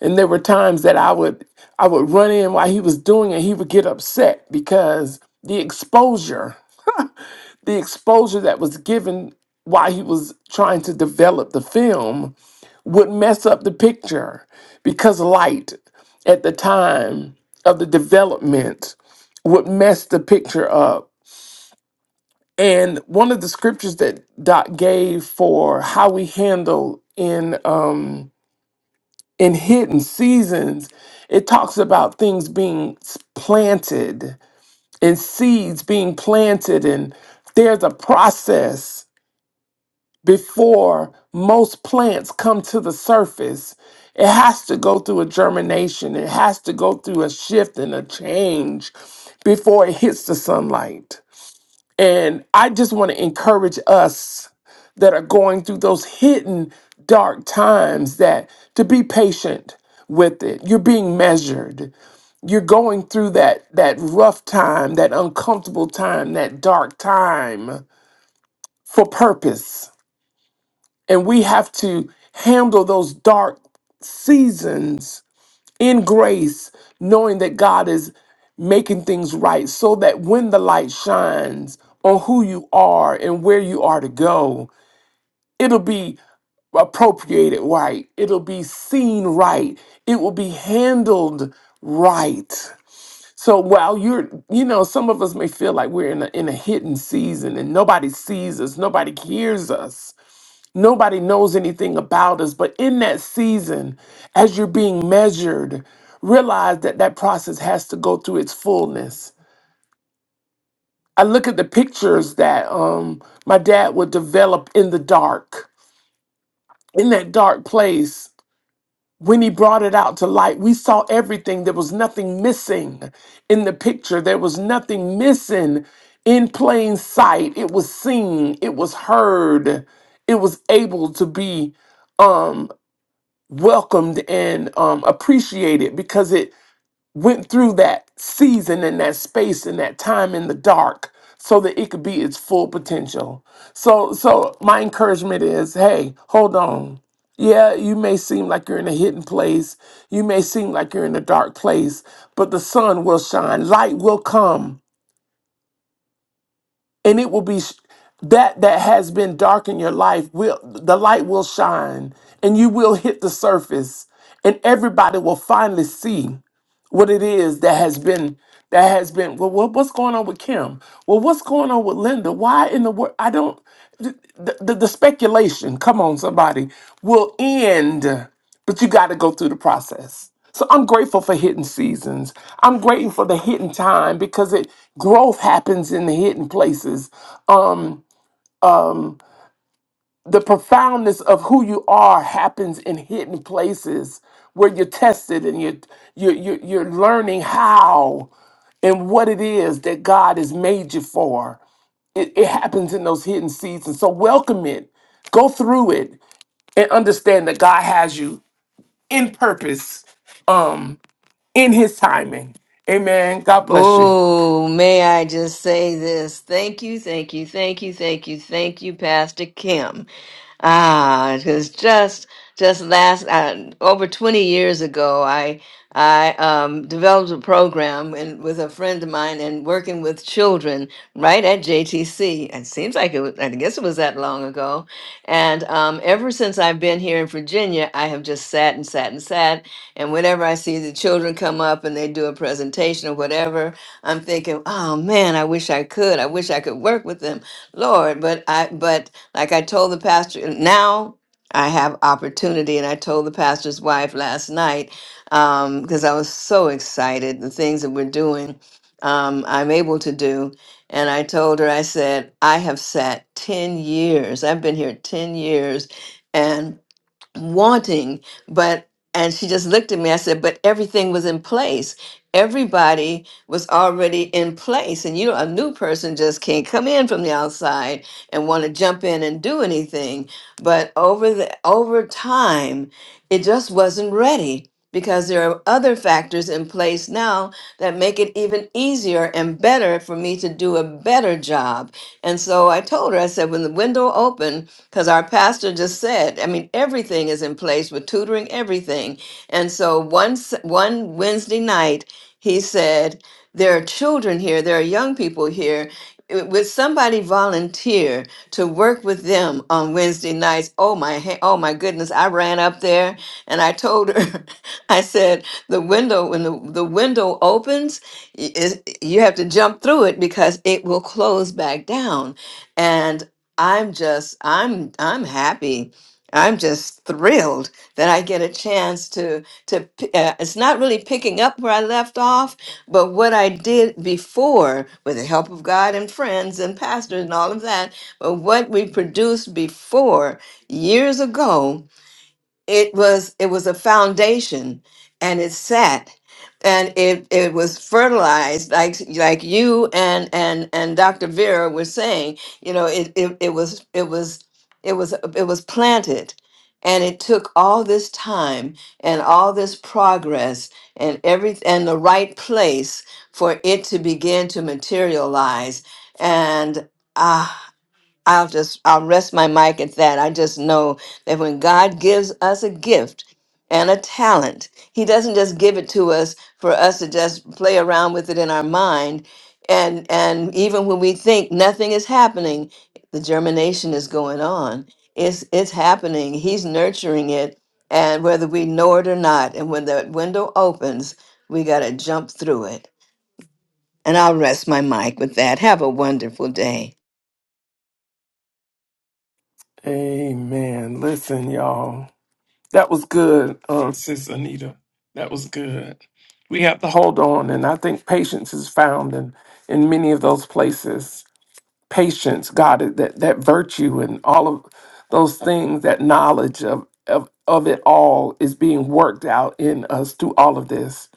Speaker 1: and there were times that i would i would run in while he was doing it he would get upset because the exposure the exposure that was given while he was trying to develop the film would mess up the picture because light at the time of the development would mess the picture up and one of the scriptures that Doc gave for how we handle in um, in hidden seasons it talks about things being s- planted and seeds being planted and there's a process before most plants come to the surface it has to go through a germination it has to go through a shift and a change before it hits the sunlight and I just want to encourage us that are going through those hidden dark times that to be patient with it. You're being measured. You're going through that that rough time, that uncomfortable time, that dark time for purpose. And we have to handle those dark seasons in grace, knowing that God is making things right so that when the light shines on who you are and where you are to go, it'll be appropriated right, it'll be seen right, it will be handled right. So while you're, you know, some of us may feel like we're in a in a hidden season and nobody sees us, nobody hears us. Nobody knows anything about us, but in that season, as you're being measured, realize that that process has to go through its fullness. I look at the pictures that um, my dad would develop in the dark, in that dark place. When he brought it out to light, we saw everything. There was nothing missing in the picture, there was nothing missing in plain sight. It was seen, it was heard, it was able to be. um, welcomed and um, appreciated because it went through that season and that space and that time in the dark so that it could be its full potential. So so my encouragement is, hey, hold on. Yeah, you may seem like you're in a hidden place. You may seem like you're in a dark place, but the sun will shine. Light will come and it will be sh- that that has been dark in your life will the light will shine and you will hit the surface and everybody will finally see what it is that has been that has been well what, what's going on with kim well what's going on with linda why in the world i don't the, the, the speculation come on somebody will end but you got to go through the process so i'm grateful for hidden seasons i'm grateful for the hidden time because it growth happens in the hidden places Um, the profoundness of who you are happens in hidden places where you're tested and you're, you're, you're, you're learning how and what it is that God has made you for. It, it happens in those hidden seasons. So welcome it, go through it, and understand that God has you in purpose, um, in His timing. Amen. God bless you.
Speaker 9: Oh, may I just say this? Thank you, thank you, thank you, thank you, thank you, Pastor Kim. Ah, because just just last uh, over twenty years ago, I I um, developed a program and with a friend of mine and working with children right at JTC. It seems like it was, I guess it was that long ago, and um, ever since I've been here in Virginia, I have just sat and sat and sat and whenever I see the children come up and they do a presentation or whatever, I'm thinking, oh man, I wish I could. I wish I could work with them, Lord. But I, but like I told the pastor, now I have opportunity. And I told the pastor's wife last night because I was so excited the things that we're doing, um, I'm able to do. And I told her, I said, I have sat 10 years. I've been here 10 years. and." wanting, but and she just looked at me. I said, "But everything was in place. Everybody was already in place, and you know, a new person just can't come in from the outside and want to jump in and do anything. But over the over time, it just wasn't ready." Because there are other factors in place now that make it even easier and better for me to do a better job. And so I told her, I said, when the window opened because our pastor just said, I mean, everything is in place with tutoring, everything. And so once one Wednesday night, he said, there are children here, there are young people here. Uh, Would somebody volunteer to work with them on Wednesday nights? Oh my, he- oh my goodness! I ran up there and I told her, [LAUGHS] I said, the window when the, the window opens, y- is you have to jump through it because it will close back down. I'm just I'm I'm happy. I'm just thrilled that I get a chance to to p- uh, it's not really picking up where I left off, but what I did before with the help of God and friends and pastors and all of that, but what we produced before years ago it was it was a foundation and it sat and it it was fertilized like like you and and and Dr. Vera were saying you know it it, it was it was it was it was planted and it took all this time and all this progress and every and the right place for it to begin to materialize and ah, I'll just I'll rest my mic at that. I just know that when God gives us a gift and a talent, He doesn't just give it to us for us to just play around with it in our mind. And and even when we think nothing is happening, the germination is going on. It's it's happening. He's nurturing it, and whether we know it or not, and when the window opens, we gotta jump through it. And I'll rest my mic with that. Have a wonderful day.
Speaker 1: Amen. Listen, y'all. That was good, uh, Sis Anita. That was good. We have to hold on, and I think patience is found in in many of those places. Patience, God, that that virtue and all of those things, that knowledge of of of it all is being worked out in us through all of this.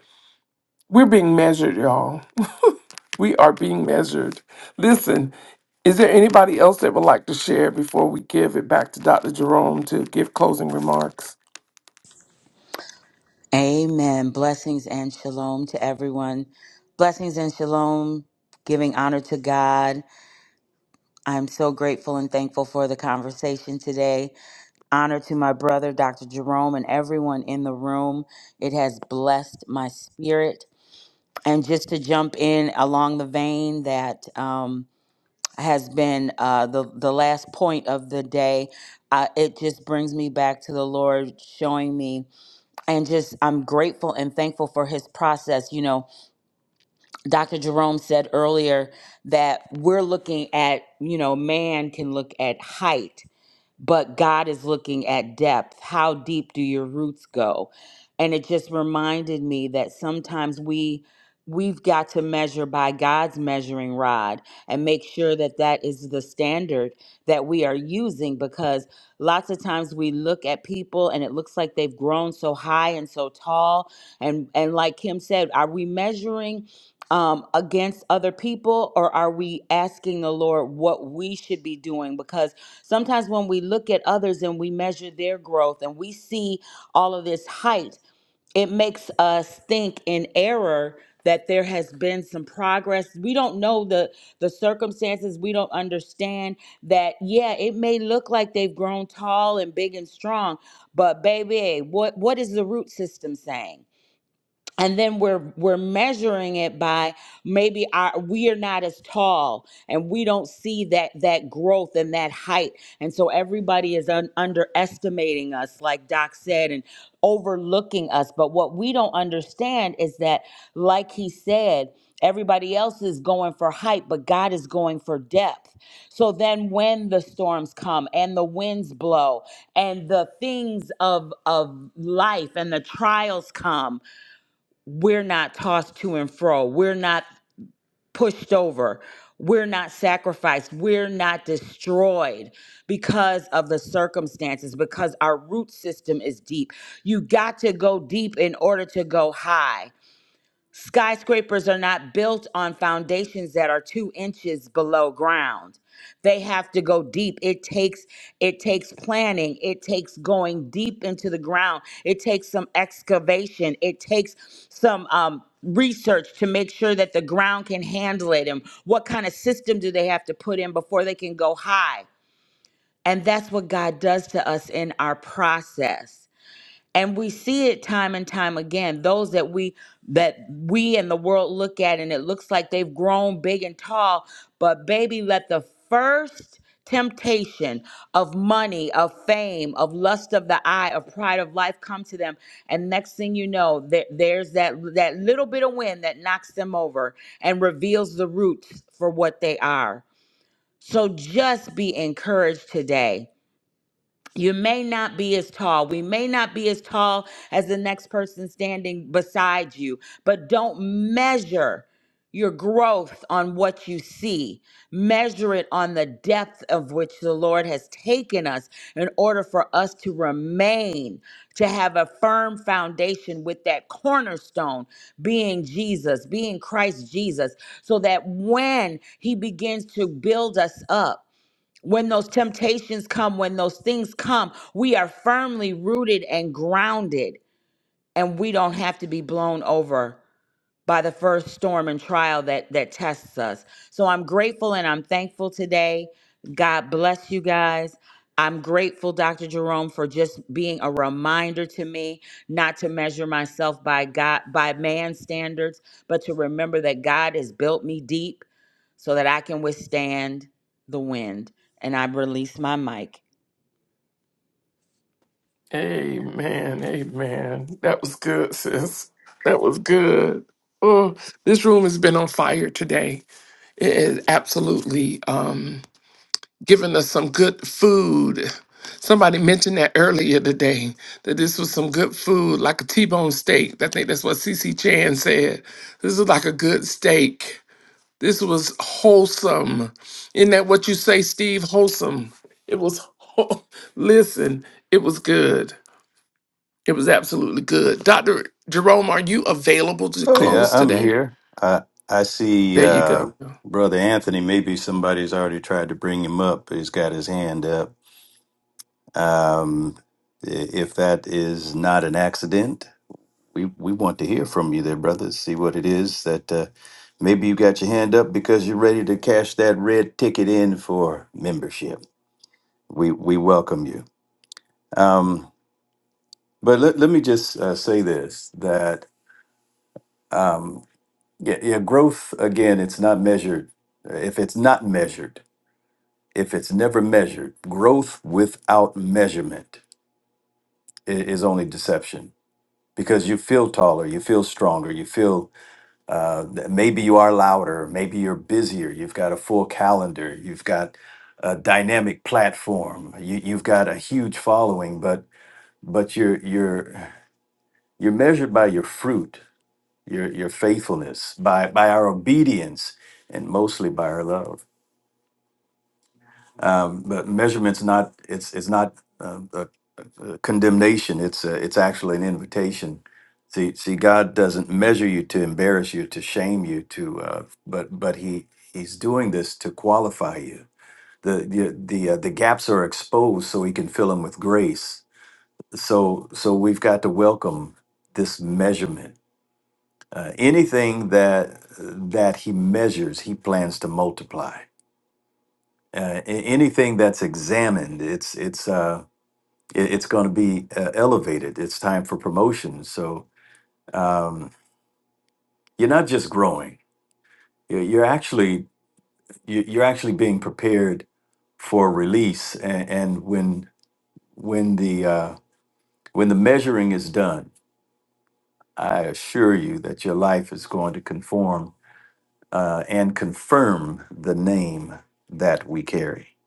Speaker 1: We're being measured, y'all. We are being measured. Listen, is there anybody else that would like to share before we give it back to Dr. Jerome to give closing remarks?
Speaker 12: Amen. Blessings and shalom to everyone. Blessings and shalom, giving honor to God. I'm so grateful and thankful for the conversation today. Honor to my brother, Dr. Jerome, and everyone in the room. It has blessed my spirit. And just to jump in along the vein that um, has been uh, the, the last point of the day, uh, it just brings me back to the Lord showing me and just I'm grateful and thankful for his process. You know, Dr. Jerome said earlier that we're looking at, you know, man can look at height but God is looking at depth. How deep do your roots go? And it just reminded me that sometimes we we've got to measure by God's measuring rod and make sure that that is the standard that we are using because lots of times we look at people and it looks like they've grown so high and so tall and and like Kim said are we measuring um, against other people, or are we asking the Lord what we should be doing? Because Sometimes when we look at others and we measure their growth and we see all of this height, it makes us think in error that there has been some progress. We don't know the the circumstances. We don't understand that yeah, it may look like they've grown tall and big and strong, but baby, what what is the root system saying? and then we're we're measuring it by maybe our we are not as tall and we don't see that that growth and that height and so everybody is un- underestimating us like doc said and overlooking us but what we don't understand is that like he said everybody else is going for height but god is going for depth so then when the storms come and the winds blow and the things of of life and the trials come we're not tossed to and fro. We're not pushed over. We're not sacrificed. We're not destroyed because of the circumstances, because our root system is deep. You got to go deep in order to go high. Skyscrapers are not built on foundations that are two inches below ground. They have to go deep. It takes it takes planning. It takes going deep into the ground. It takes some excavation. It takes some um, research to make sure that the ground can handle it. And what kind of system do they have to put in before they can go high? And that's what God does to us in our process and we see it time and time again those that we that we and the world look at and it looks like they've grown big and tall but baby let the first temptation of money of fame of lust of the eye of pride of life come to them and next thing you know there, there's that that little bit of wind that knocks them over and reveals the roots for what they are so just be encouraged today you may not be as tall. We may not be as tall as the next person standing beside you, but don't measure your growth on what you see. Measure it on the depth of which the Lord has taken us in order for us to remain, to have a firm foundation with that cornerstone being Jesus, being Christ Jesus, so that when He begins to build us up, when those temptations come, when those things come, we are firmly rooted and grounded, and we don't have to be blown over by the first storm and trial that that tests us. So I'm grateful and I'm thankful today. God bless you guys. I'm grateful, Dr. Jerome, for just being a reminder to me not to measure myself by God by man's standards, but to remember that God has built me deep so that I can withstand the wind. And I release my mic.
Speaker 1: Amen. Amen. That was good, sis. That was good. Oh, this room has been on fire today. It is absolutely um giving us some good food. Somebody mentioned that earlier today that this was some good food, like a T-bone steak. I think that's what CC Chan said. This is like a good steak. This was wholesome. Isn't that what you say, Steve? Wholesome. It was whole. [LAUGHS] listen, it was good. It was absolutely good. Dr. Jerome, are you available to
Speaker 3: Oh yeah,
Speaker 1: close
Speaker 3: I'm
Speaker 1: today?
Speaker 3: here. I I see
Speaker 1: There you
Speaker 3: uh,
Speaker 1: go.
Speaker 3: brother Anthony. Maybe somebody's already tried to bring him up. He's got his hand up. Um, i- if that is not an accident, we we want to hear from you there, brother. See what it is that uh, maybe you got your hand up because you're ready to cash that red ticket in for membership. We we welcome you. Um, but let, let me just uh, say this that um, yeah, yeah, growth again, it's not measured. If it's not measured, if it's never measured, growth without measurement i- is only deception because you feel taller, you feel stronger, you feel uh, th- maybe you are louder, maybe you're busier, you've got a full calendar, you've got a dynamic platform, you, you've got a huge following, but but you're you're you're measured by your fruit, your your faithfulness, by by our obedience, and mostly by our love. Um, but measurement's not it's it's not uh, a, a condemnation. It's a, it's actually an invitation. See, see, God doesn't measure you to embarrass you, to shame you, to uh, but but he he's doing this to qualify you. The the the, uh, the gaps are exposed so he can fill them with grace. So so we've got to welcome this measurement. Uh, anything that that he measures, he plans to multiply uh, a- anything that's examined, it's it's uh, it- it's going to be uh, elevated. It's time for promotion. So um, you're not just growing; you're, you're actually you- you're actually being prepared for release. And, and when when the uh, when the measuring is done, I assure you that your life is going to conform uh, and confirm the name that we carry.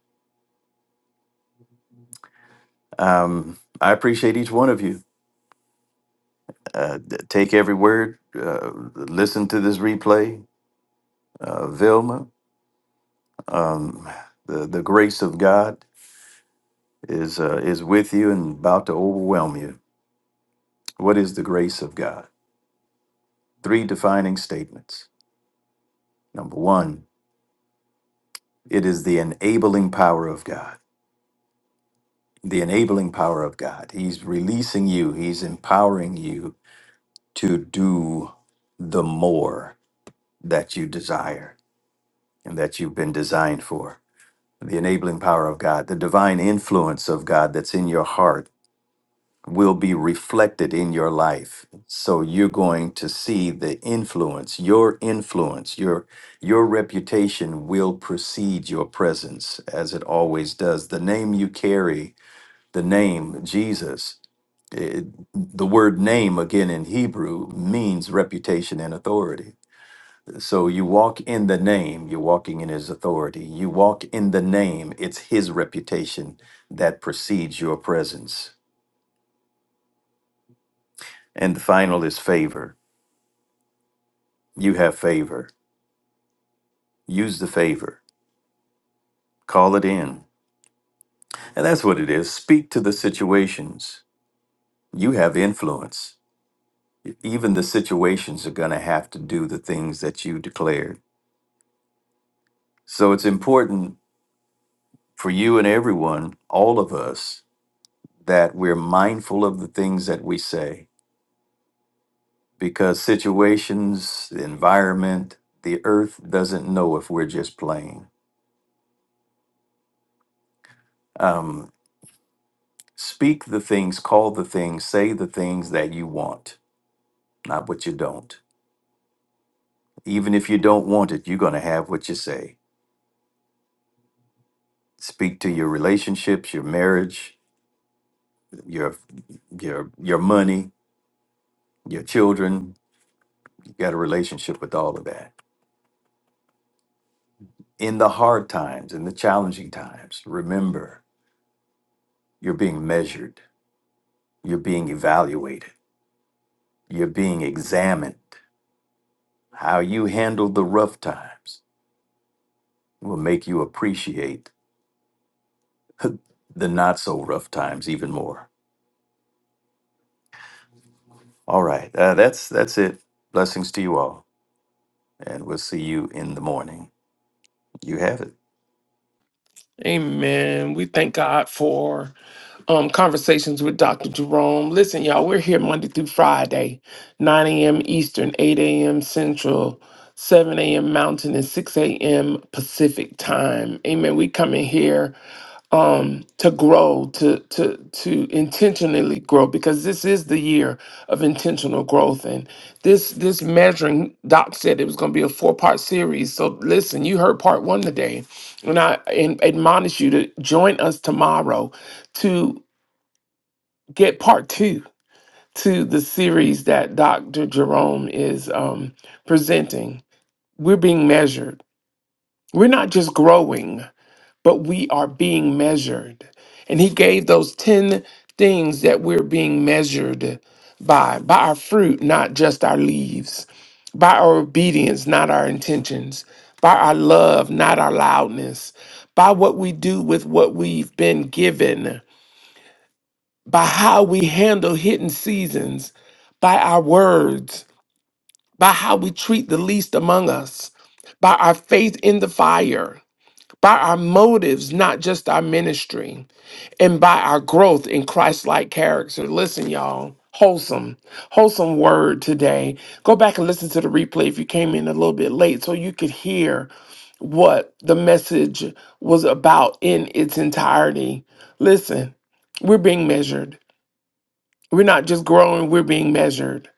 Speaker 3: Um, I appreciate each one of you. Uh, d- take every word. Uh, listen to this replay, uh, Vilma. Um, the the grace of God is uh, is with you and about to overwhelm you. What is the grace of God? Three defining statements. Number one, it is the enabling power of God. The enabling power of God. He's releasing you. He's empowering you to do the more that you desire and that you've been designed for. the enabling power of God, the divine influence of God that's in your heart will be reflected in your life. So you're going to see the influence, your influence, your your reputation will precede your presence as it always does. The name you carry, the name Jesus, it, the word name again in Hebrew means reputation and authority so you walk in the name, you're walking in his authority. You walk in the name, it's his reputation that precedes your presence. And the final is favor. You have favor. Use the favor, call it in. And that's what it is. Speak to the situations. You have influence. Even the situations are going to have to do the things that you declared. So it's important for you and everyone, all of us, that we're mindful of the things that we say because situations, the environment, the earth doesn't know if we're just playing. Um, speak the things, call the things, say the things that you want, not what you don't. Even if you don't want it, you're going to have what you say. Speak to your relationships, your marriage, your your your money, your children. You got a relationship with all of that. In the hard times, in the challenging times, remember you're being measured, you're being evaluated You're being examined. How you handle the rough times will make you appreciate [LAUGHS] the not so rough times even more. All right, uh, that's that's it. Blessings to you all, and we'll see you in the morning. You have it.
Speaker 1: Amen. We thank God for um, conversations with Dr. Jerome. Listen, y'all, we're here Monday through Friday, 9 a.m. Eastern, 8 a.m. Central, 7 a.m. Mountain, and 6 a.m. Pacific time. Amen. We come in here um to grow to to to intentionally grow because this is the year of intentional growth and this this measuring doc said it was going to be a four part series so listen you heard part one today and i and admonish you to join us tomorrow to get part two to the series that dr jerome is um presenting we're being measured we're not just growing but we are being measured. And he gave those 10 things that we're being measured by by our fruit, not just our leaves, by our obedience, not our intentions, by our love, not our loudness, by what we do with what we've been given, by how we handle hidden seasons, by our words, by how we treat the least among us, by our faith in the fire, by our motives, not just our ministry and by our growth in Christ-like character. Listen, y'all, wholesome, wholesome word today. Go back and listen to the replay if you came in a little bit late so you could hear what the message was about in its entirety. Listen, we're being measured. We're not just growing, we're being measured.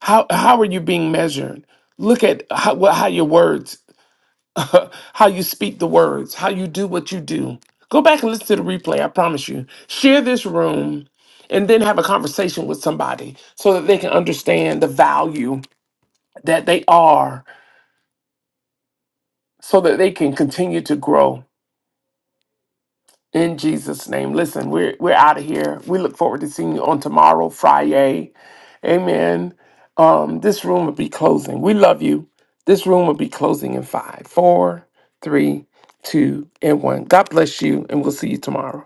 Speaker 1: How how are you being measured? Look at how, what- how your words [LAUGHS] how you speak the words, how you do what you do. Go back and listen to the replay, I promise you. Share this room and then have a conversation with somebody so that they can understand the value that they are, so that they can continue to grow. In Jesus' name. Listen, we're we're out of here. We look forward to seeing you on tomorrow, Friday. Amen. Um, this room will be closing. We love you. This room will be closing in five, four, three, two, and one. God bless you, and we'll see you tomorrow.